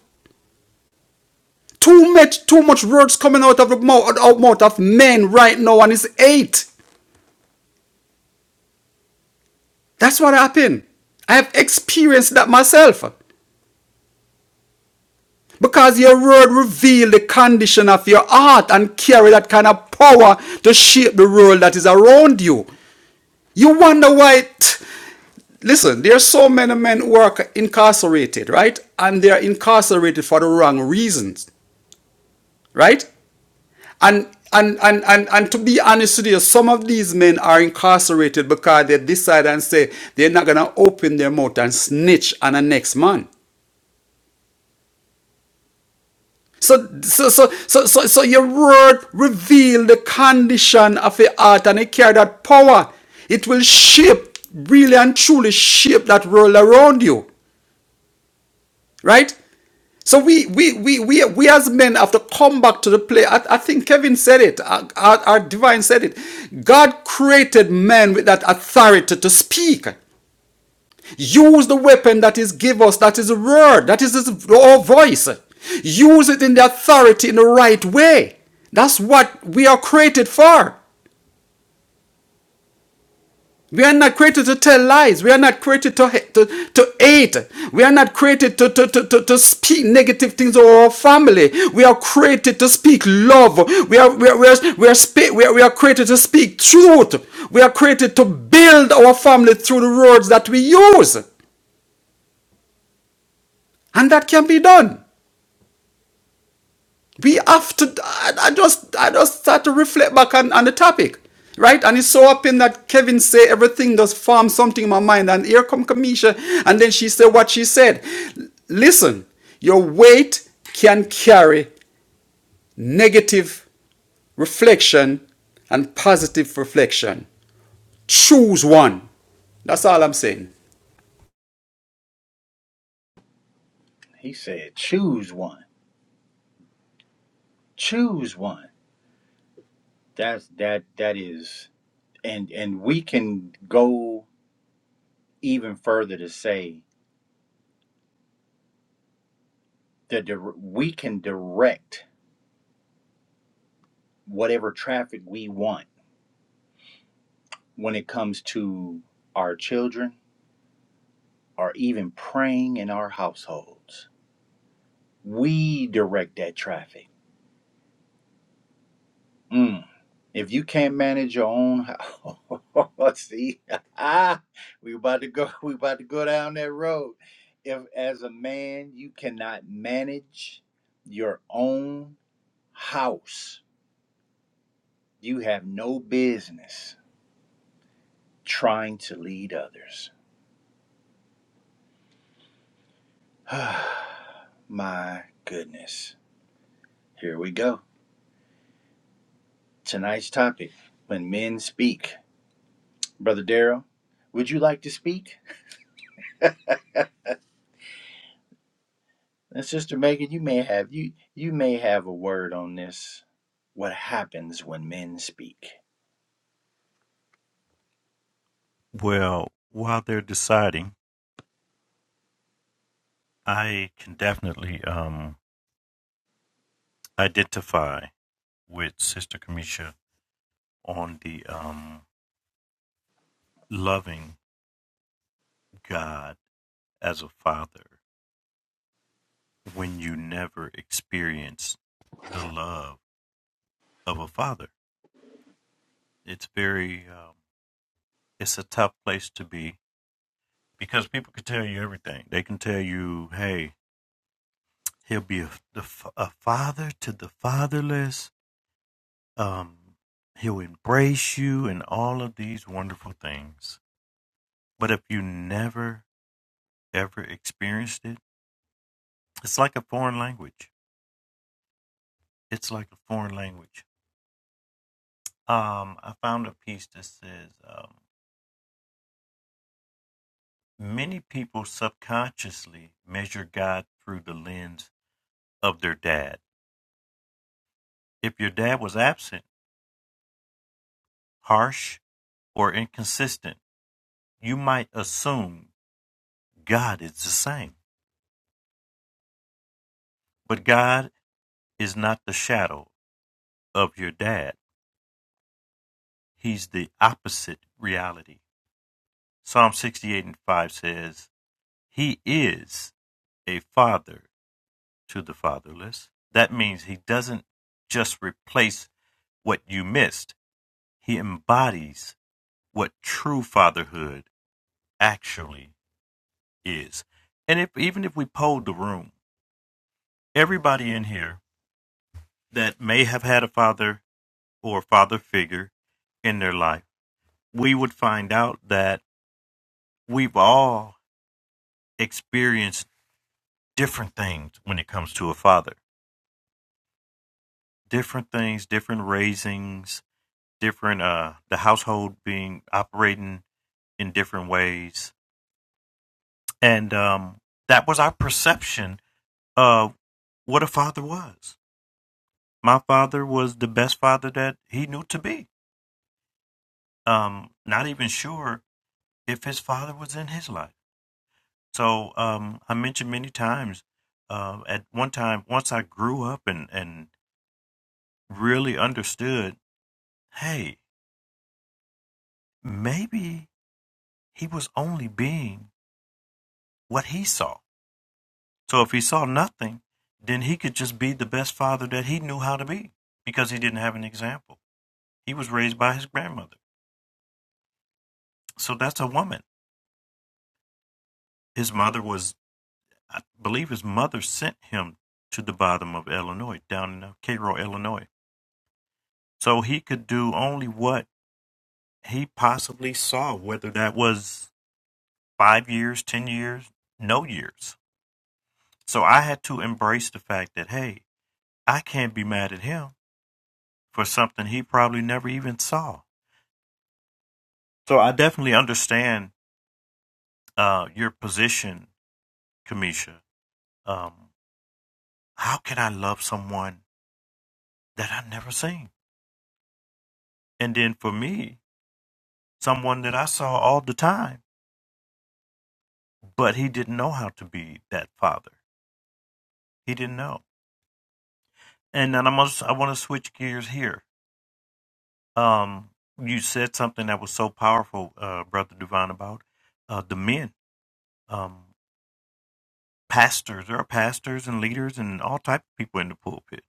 Speaker 2: Too much too much words coming out of the mouth, out mouth of men right now, and it's hate. That's what happened. I have experienced that myself. Because your word reveals the condition of your heart and carry that kind of power to shape the world that is around you. You wonder why. t- listen, there are so many men who are incarcerated, right? And they are incarcerated for the wrong reasons, right? And and, and, and and to be honest with you, some of these men are incarcerated because they decide and say they're not gonna open their mouth and snitch on the next man. So, so, so, so, so, so your word reveal the condition of the heart and it carry that power. It will shape, really and truly shape that world around you. Right? So we, we, we, we, we as men have to come back to the play. I, I think Kevin said it. Our, our our divine said it. God created men with that authority to speak. Use the weapon that is give us, that is the word, that is his, our voice. Use it in the authority in the right way. That's what we are created for. We are not created to tell lies. We are not created to, to, to hate. We are not created to, to, to, to, to speak negative things over our family. We are created to speak love. We are, we are, we are, we are, spe- we are, we are created to speak truth. We are created to build our family through the words that we use. And that can be done. we have to I, just i just start to reflect back on, on the topic right and it's so up in that kevin say everything does form something in my mind and here come kamisha and then she said what she said listen your weight can carry negative reflection and positive reflection choose one that's all i'm saying
Speaker 1: He said, choose one, choose one. That's that that is, and and we can go even further to say that dir- we can direct whatever traffic we want when it comes to our children or even praying in our households. We direct that traffic. Mm. If you can't manage your own house, see, ah, we about to go. We about to go down that road. If as a man you cannot manage your own house, you have no business trying to lead others. My goodness, here we go. Tonight's topic: When men speak, brother Daryl, would you like to speak? And Sister Megan, you may have you you may have a word on this. What happens when men speak?
Speaker 3: Well, while they're deciding, I can definitely um, identify with Sister Kamisha on the um, loving God as a father when you never experience the love of a father. It's very, um, it's a tough place to be because people can tell you everything. They can tell you, hey, He'll be a, the father to the fatherless. Um, he'll embrace you and all of these wonderful things. But if you never, ever experienced it, it's like a foreign language. It's like a foreign language. Um, I found a piece that says um, many people subconsciously measure God through the lens of their dad. If your dad was absent, harsh, or inconsistent, you might assume God is the same. But God is not the shadow of your dad. He's the opposite reality. Psalm 68 and 5 says, He is a father to the fatherless. That means He doesn't just replace what you missed, He embodies what true fatherhood actually is. And if, even if we polled the room, everybody in here that may have had a father or a father figure in their life, we would find out that we've all experienced different things when it comes to a father. Different things, different raisings, different uh the household being operating in different ways. And um that was our perception of what a father was. My father was the best father that he knew to be. Um not even sure if his father was in his life. So um, I mentioned many times. Uh, at one time, once I grew up and and really understood, hey, maybe he was only being what he saw. So if he saw nothing, then he could just be the best father that he knew how to be because he didn't have an example. He was raised by his grandmother, so that's a woman. His mother was, I believe, his mother sent him to the bottom of Illinois, down in uh, Cairo, Illinois, so he could do only what he possibly saw, whether that was five years, 10 years, no years. So I had to embrace the fact that, hey, I can't be mad at him for something he probably never even saw. So I definitely understand uh, your position, Kamisha. Um, how can I love someone that I've never seen? And then for me, someone that I saw all the time, but he didn't know how to be that father. He didn't know. And then i must. I want to switch gears here um, you said something that was so powerful, uh, Brother Divine, about uh, the men, um, pastors. There are pastors and leaders and all type of people in the pulpit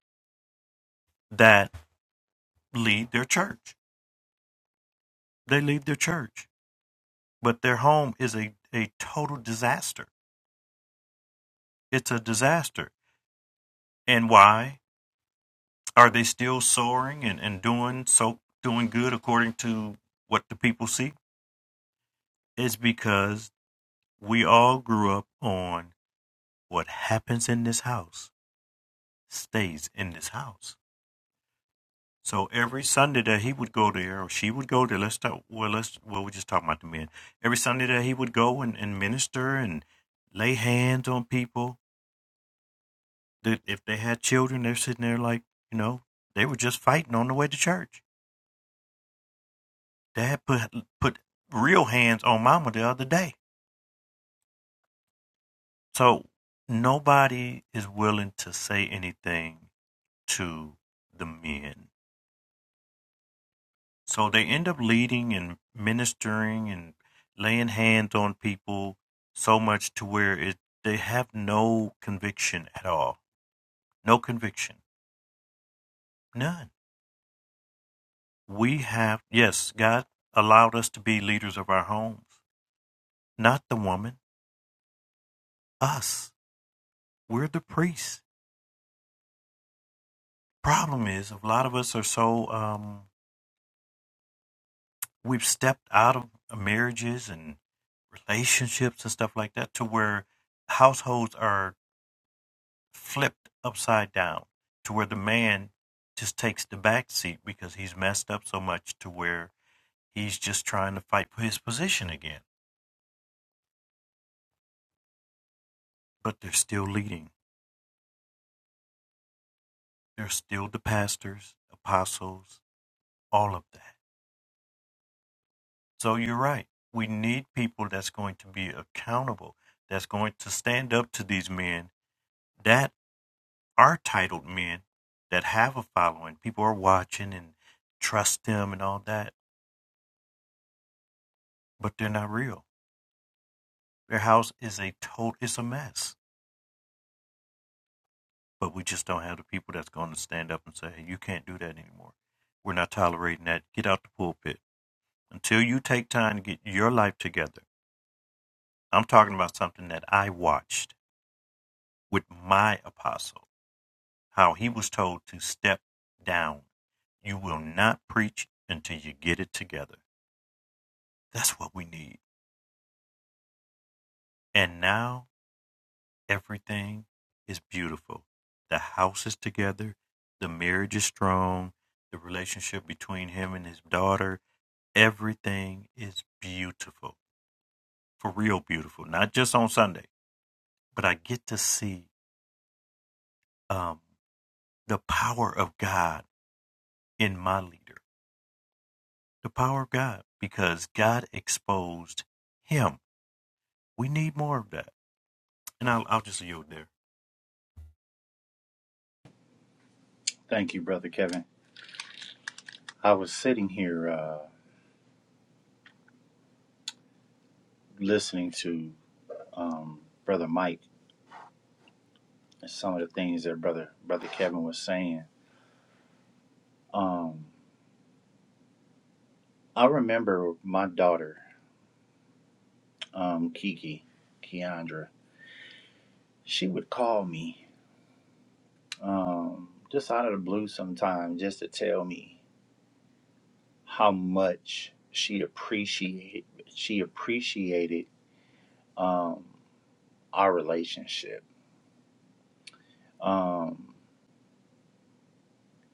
Speaker 3: that lead their church. They lead their church, but their home is a, a total disaster. It's a disaster. And why are they still soaring and, and doing so doing good according to what the people see? It's because we all grew up on what happens in this house stays in this house. So every Sunday that he would go there, or she would go there. Let's talk. Well, let's. Well, we're just talking about the men. Every Sunday that he would go and, and minister and lay hands on people. That if they had children, they're sitting there like you know they were just fighting on the way to church. Dad put put real hands on Mama the other day. So nobody is willing to say anything to the men So they end up leading and ministering and laying hands on people so much to where it they have no conviction at all. No conviction. None. We have yes, God allowed us to be leaders of our homes. Not the woman. Us. We're the priests. Problem is a lot of us are so um we've stepped out of marriages and relationships and stuff like that to where households are flipped upside down to where the man just takes the back seat because he's messed up so much to where he's just trying to fight for his position again. But they're still leading. They're still the pastors, apostles, all of that. So you're right. We need people that's going to be accountable, that's going to stand up to these men that are titled men that have a following. People are watching and trust them and all that, but they're not real. Their house is a total, it's a mess. But we just don't have the people that's going to stand up and say, hey, you can't do that anymore. We're not tolerating that. Get out the pulpit. Until you take time to get your life together. I'm talking about something that I watched with my apostle, how he was told to step down. You will not preach until you get it together. That's what we need. And now Everything is beautiful. The house is together. The marriage is strong. The relationship between him and his daughter, everything is beautiful. For real beautiful. Not just on Sunday, but I get to see um, the power of God in my leader. The power of God because God exposed him. We need more of that. And I'll, I'll just yield there.
Speaker 1: Thank you, brother Kevin. I was sitting here uh, listening to um, brother Mike and some of the things that brother brother Kevin was saying. Um, I remember my daughter um, Kiki, Keandra. She would call me um, just out of the blue sometime, just to tell me how much she appreciate she appreciated um, our relationship. Um,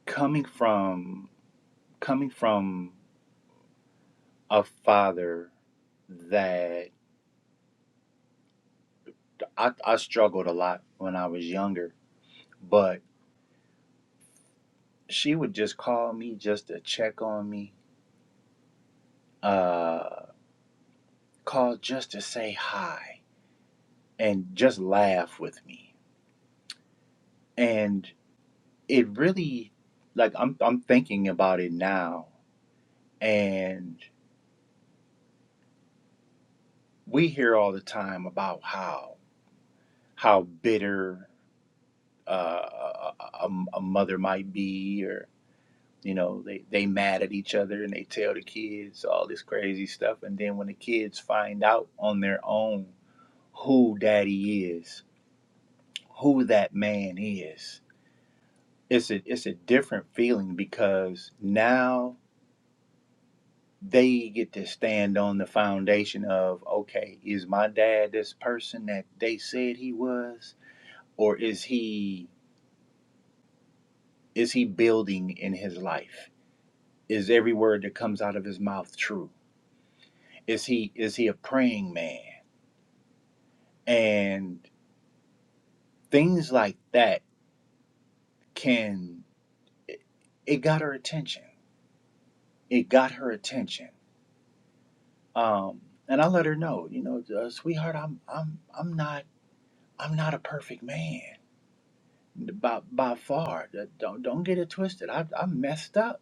Speaker 1: coming from coming from a father that I, I struggled a lot when I was younger, but she would just call me just to check on me, uh, call just to say hi, and just laugh with me. And it really, like I'm I'm thinking about it now, and we hear all the time about how how bitter uh, a, a, a mother might be or you know they they mad at each other and they tell the kids all this crazy stuff and then when the kids find out on their own who daddy is who that man is it's a it's a different feeling because now they get to stand on the foundation of okay is my dad this person that they said he was or is he is he building in his life Is every word that comes out of his mouth true? Is he is he a praying man? And things like that can it, it got her attention. It got her attention. Um, and I let her know, you know, uh, sweetheart, I'm I'm I'm not I'm not a perfect man by by far. Uh, Don't don't get it twisted. I I messed up.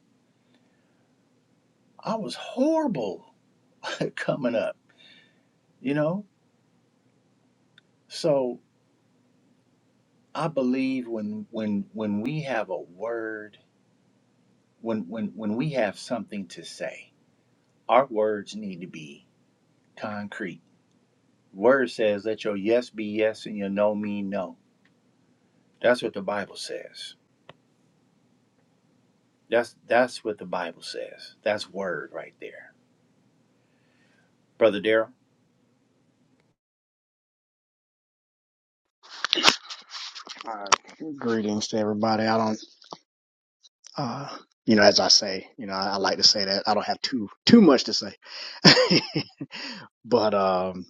Speaker 1: I was horrible coming up. You know, so I believe when when when we have a word when when when we have something to say, our words need to be concrete. Word says, "Let your yes be yes and your no mean no." That's what the Bible says. That's that's what the Bible says. That's word right there, brother Darrell.
Speaker 5: Uh, greetings to everybody. I don't, uh, you know, as I say, you know, I, I like to say that I don't have too too much to say, but um,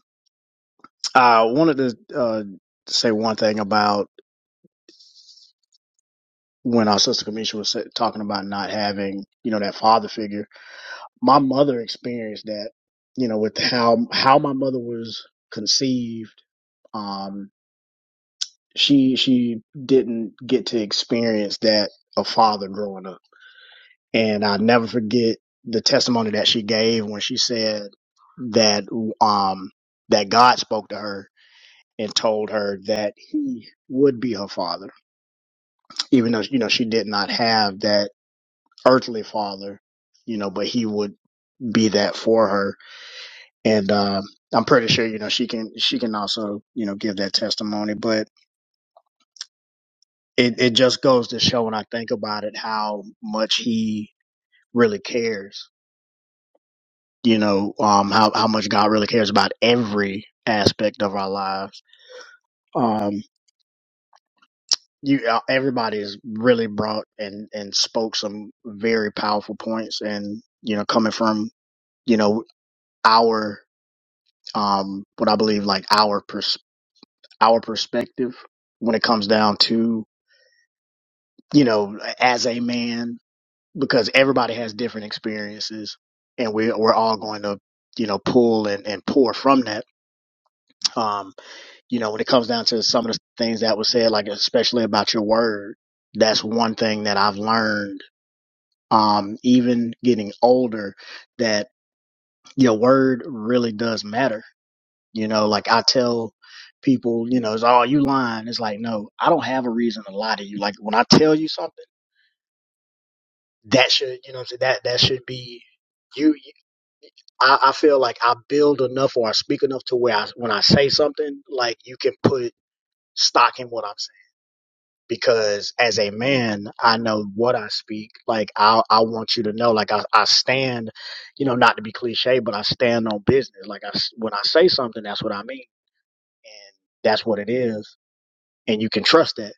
Speaker 5: I wanted to uh, say one thing about when our sister Kamisha was sa- talking about not having, you know, that father figure. My mother experienced that, you know, with how how my mother was conceived. Um, she she didn't get to experience that a father growing up And I'll never forget the testimony that she gave when she said that um that God spoke to her and told her that he would be her father, even though you know she did not have that earthly father, you know, but he would be that for her. And um, I'm pretty sure you know she can she can also you know give that testimony, but it it just goes to show when I think about it how much he really cares you know um how how much God really cares about every aspect of our lives um you uh, everybody's really brought and and spoke some very powerful points and you know coming from you know our um what I believe like our pers- our perspective when it comes down to you know as a man because everybody has different experiences and we we're all going to you know pull and, and pour from that Um, you know, when it comes down to some of the things that was said, like especially about your word, that's one thing that I've learned, um, even getting older, that your word really does matter. You know, like I tell people, you know, it's all oh, you lying. It's like, no, I don't have a reason to lie to you. Like when I tell you something, that should, you know, what I'm saying, that that should be you. you I, I feel like I build enough or I speak enough to where I, when I say something, like you can put stock in what I'm saying because as a man, I know what I speak. Like I, I want you to know, like I, I stand, you know, not to be cliche, but I stand on business. Like I, when I say something, that's what I mean, and that's what it is, and you can trust that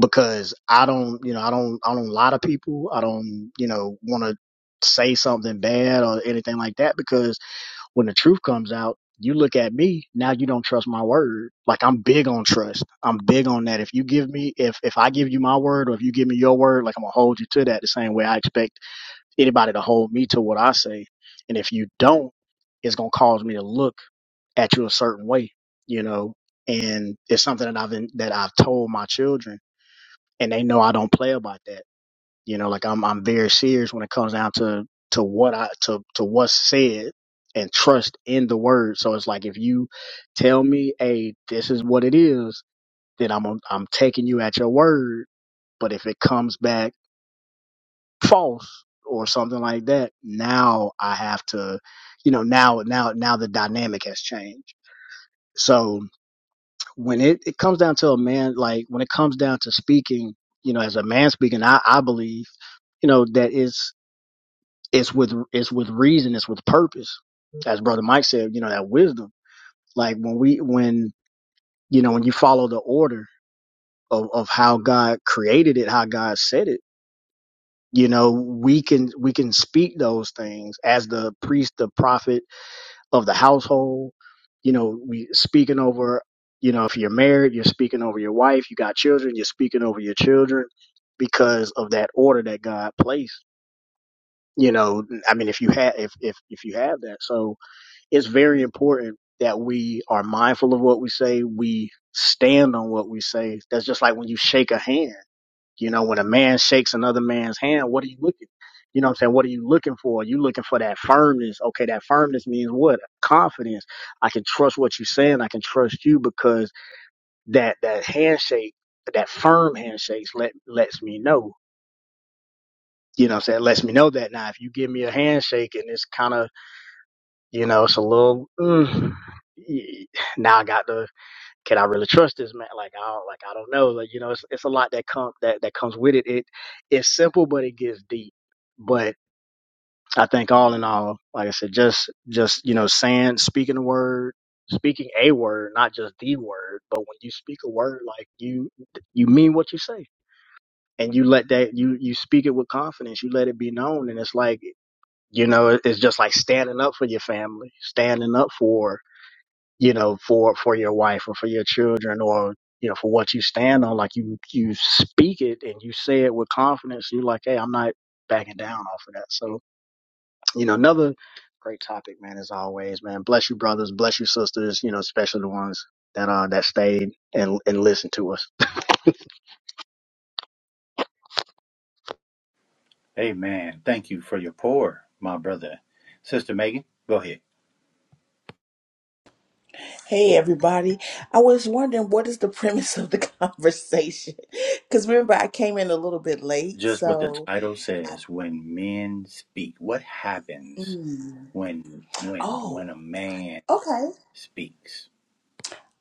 Speaker 5: because I don't, you know, I don't, I don't lie to people. I don't, you know, want to say something bad or anything like that because when the truth comes out, you look at me, now you don't trust my word. Like I'm big on trust. I'm big on that. If you give me if if I give you my word or if you give me your word, like I'm gonna hold you to that the same way I expect anybody to hold me to what I say. And if you don't, it's gonna cause me to look at you a certain way, you know. And it's something that I've that I've told my children, and they know I don't play about that you know, like I'm I'm very serious when it comes down to to what I to to what's said and trust in the word. So it's like if you tell me, hey, this is what it is, then I'm I'm taking you at your word. But if it comes back false or something like that, now I have to, you know, now now now the dynamic has changed. So when it, it comes down to a man, like when it comes down to speaking, you know, as a man speaking, I, I believe, you know, that is. it's with it's with reason, it's with purpose. As brother Mike said, you know that wisdom. Like when we when you know when you follow the order of of how God created it, how God said it, you know we can we can speak those things as the priest, the prophet of the household. You know we speaking over. You know if you're married, you're speaking over your wife. You got children, you're speaking over your children because of that order that God placed. You know, I mean, if you have if if if you have that, so it's very important that we are mindful of what we say. We stand on what we say. That's just like when you shake a hand. You know, when a man shakes another man's hand, what are you looking? You know what I'm saying? What are you looking for? You looking for that firmness. Okay, that firmness means what? Confidence. I can trust what you're saying. I can trust you because that that handshake, that firm handshake let lets me know. You know what I'm saying? It Lets me know that now if you give me a handshake and it's kind of You know, it's a little. Mm, y- now I got to. Can I really trust this man? Like I don't. Like I don't know. Like you know, it's it's a lot that come that that comes with it. It it's simple, but it gets deep. But I think all in all, like I said, just just you know, saying speaking the word, speaking a word, not just the word. But when you speak a word, like you you mean what you say, and you let that you you speak it with confidence. You let it be known, and it's like you know, it- it's just like standing up for your family, standing up for you know, for for your wife or for your children or you know for what you stand on. Like you you speak it and you say it with confidence. You're like, hey, I'm not backing down off of that. So you know, another great topic, man, as always, man. Bless you, brothers. Bless you, sisters. You know, especially the ones that uh that stayed and and listened to us.
Speaker 1: Amen. Thank you for your pour, my brother, sister Megan. Go ahead.
Speaker 6: Hey everybody. I was wondering what is the premise of the conversation? Cuz remember I came in a little bit late,
Speaker 1: Just what the
Speaker 6: so
Speaker 1: title
Speaker 6: I,
Speaker 1: says: When men speak, what happens
Speaker 6: mm.
Speaker 1: when when
Speaker 6: Oh,
Speaker 1: when a man
Speaker 6: okay.
Speaker 1: speaks?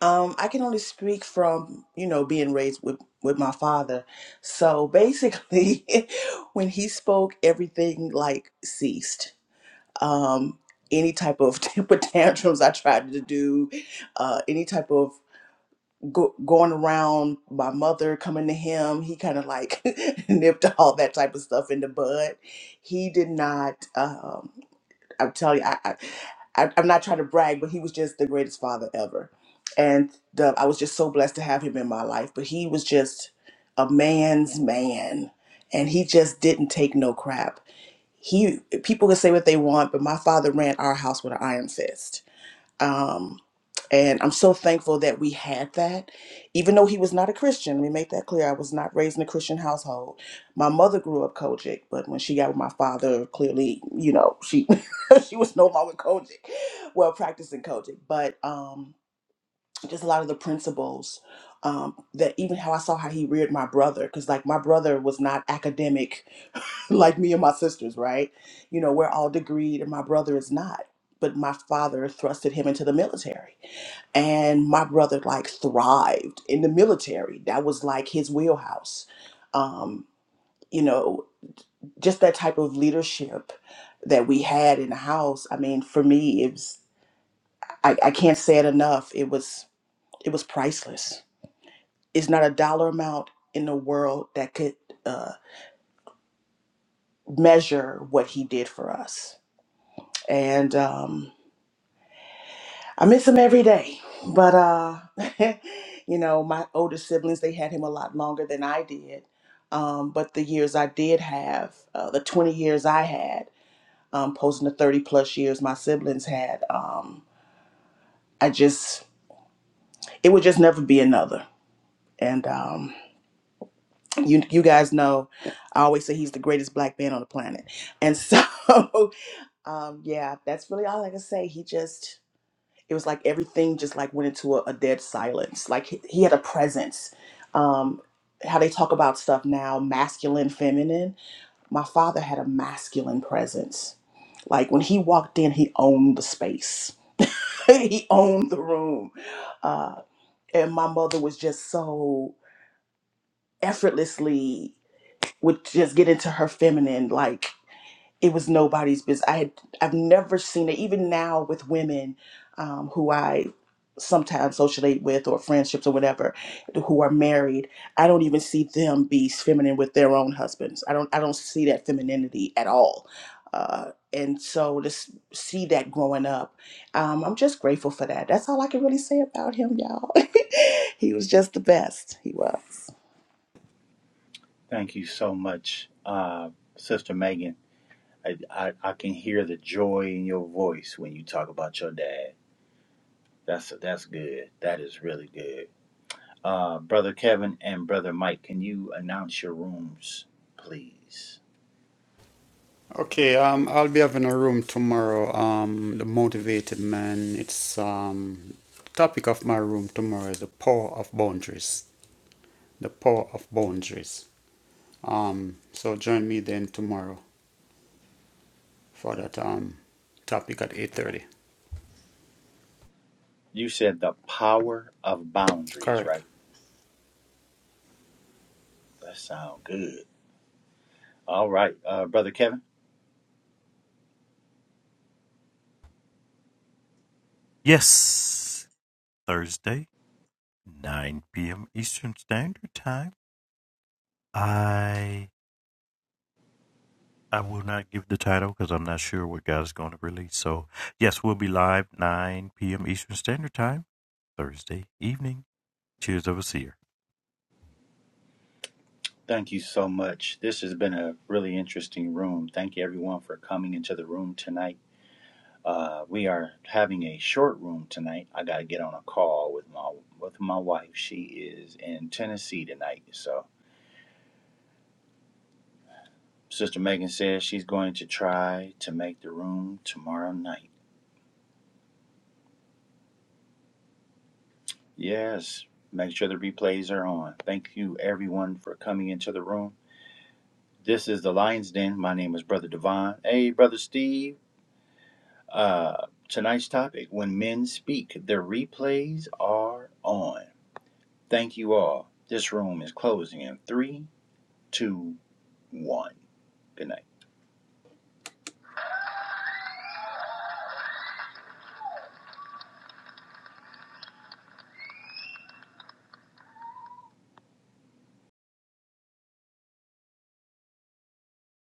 Speaker 6: Um I can only speak from, you know, being raised with with my father. So basically when he spoke everything like ceased. Um any type of temper tantrums I tried to do, uh any type of go, going around my mother coming to him he kind of like nipped all that type of stuff in the bud he did not um i'm telling you I, I I- i'm not trying to brag but he was just the greatest father ever and the, i was just so blessed to have him in my life but he was just a man's man and he just didn't take no crap he people can say what they want but my father ran our house with an iron fist um, and I'm so thankful that we had that. Even though he was not a Christian, let me make that clear. I was not raised in a Christian household. My mother grew up Kojic, but when she got with my father, clearly, you know, she she was no longer Kojic, well, practicing Kojic. But um, just a lot of the principles um, that even how I saw how he reared my brother, because like my brother was not academic like me and my sisters, right? You know, we're all degreed, and my brother is not. But my father thrusted him into the military and my brother like thrived in the military that was like his wheelhouse um you know just that type of leadership that we had in the house i mean for me it was i, I can't say it enough it was it was priceless it's not a dollar amount in the world that could uh, measure what he did for us and um I miss him every day. But uh you know, my older siblings they had him a lot longer than I did. Um, but the years I did have, uh, the 20 years I had, um, posing the 30 plus years my siblings had, um, I just it would just never be another. And um, you you guys know, I always say he's the greatest black man on the planet. And so, um, yeah, that's really all I can say. He just it was like everything just like went into a, a dead silence. Like he, he had a presence. Um, how they talk about stuff now, masculine, feminine. My father had a masculine presence. Like when he walked in, he owned the space. he owned the room. Uh, and my mother was just so effortlessly would just get into her feminine, like it was nobody's business. I had I've never seen it. Even now with women um, who I sometimes socialize with or friendships or whatever, who are married, I don't even see them be feminine with their own husbands. I don't I don't see that femininity at all. Uh, and so to s- see that growing up, um, I'm just grateful for that. That's all I can really say about him, y'all. he was just the best. He was.
Speaker 1: Thank you so much, uh, sister Megan I, I I can hear the joy in your voice when you talk about your dad. That's that's good. That is really good. Uh, brother Kevin and brother Mike, can you announce your rooms, please?
Speaker 2: Okay, um, I'll be having a room tomorrow. Um, the motivated man. It's um, topic of my room tomorrow is the power of boundaries. The power of boundaries. Um, so join me then tomorrow for that um topic at eight thirty.
Speaker 1: You said the power of boundaries,
Speaker 2: Correct.
Speaker 1: right? That sound good. All right, uh, brother Kevin.
Speaker 3: Yes, Thursday, 9 p.m. Eastern Standard Time. I I will not give the title because I'm not sure what God is going to release. So yes, we'll be live 9 p.m. Eastern Standard Time Thursday evening. Cheers of a seer.
Speaker 1: Thank you so much. This has been a really interesting room. Thank you everyone for coming into the room tonight. Uh, we are having a short room tonight. I gotta get on a call with my with my wife. She is in Tennessee tonight, so Sister Megan says she's going to try to make the room tomorrow night. Yes, make sure the replays are on. Thank you everyone for coming into the room. This is the Lions Den. My name is Brother Devon. Hey, Brother Steve. Uh, tonight's topic: When men speak, the replays are on. Thank you all. This room is closing in three two, one. Good night.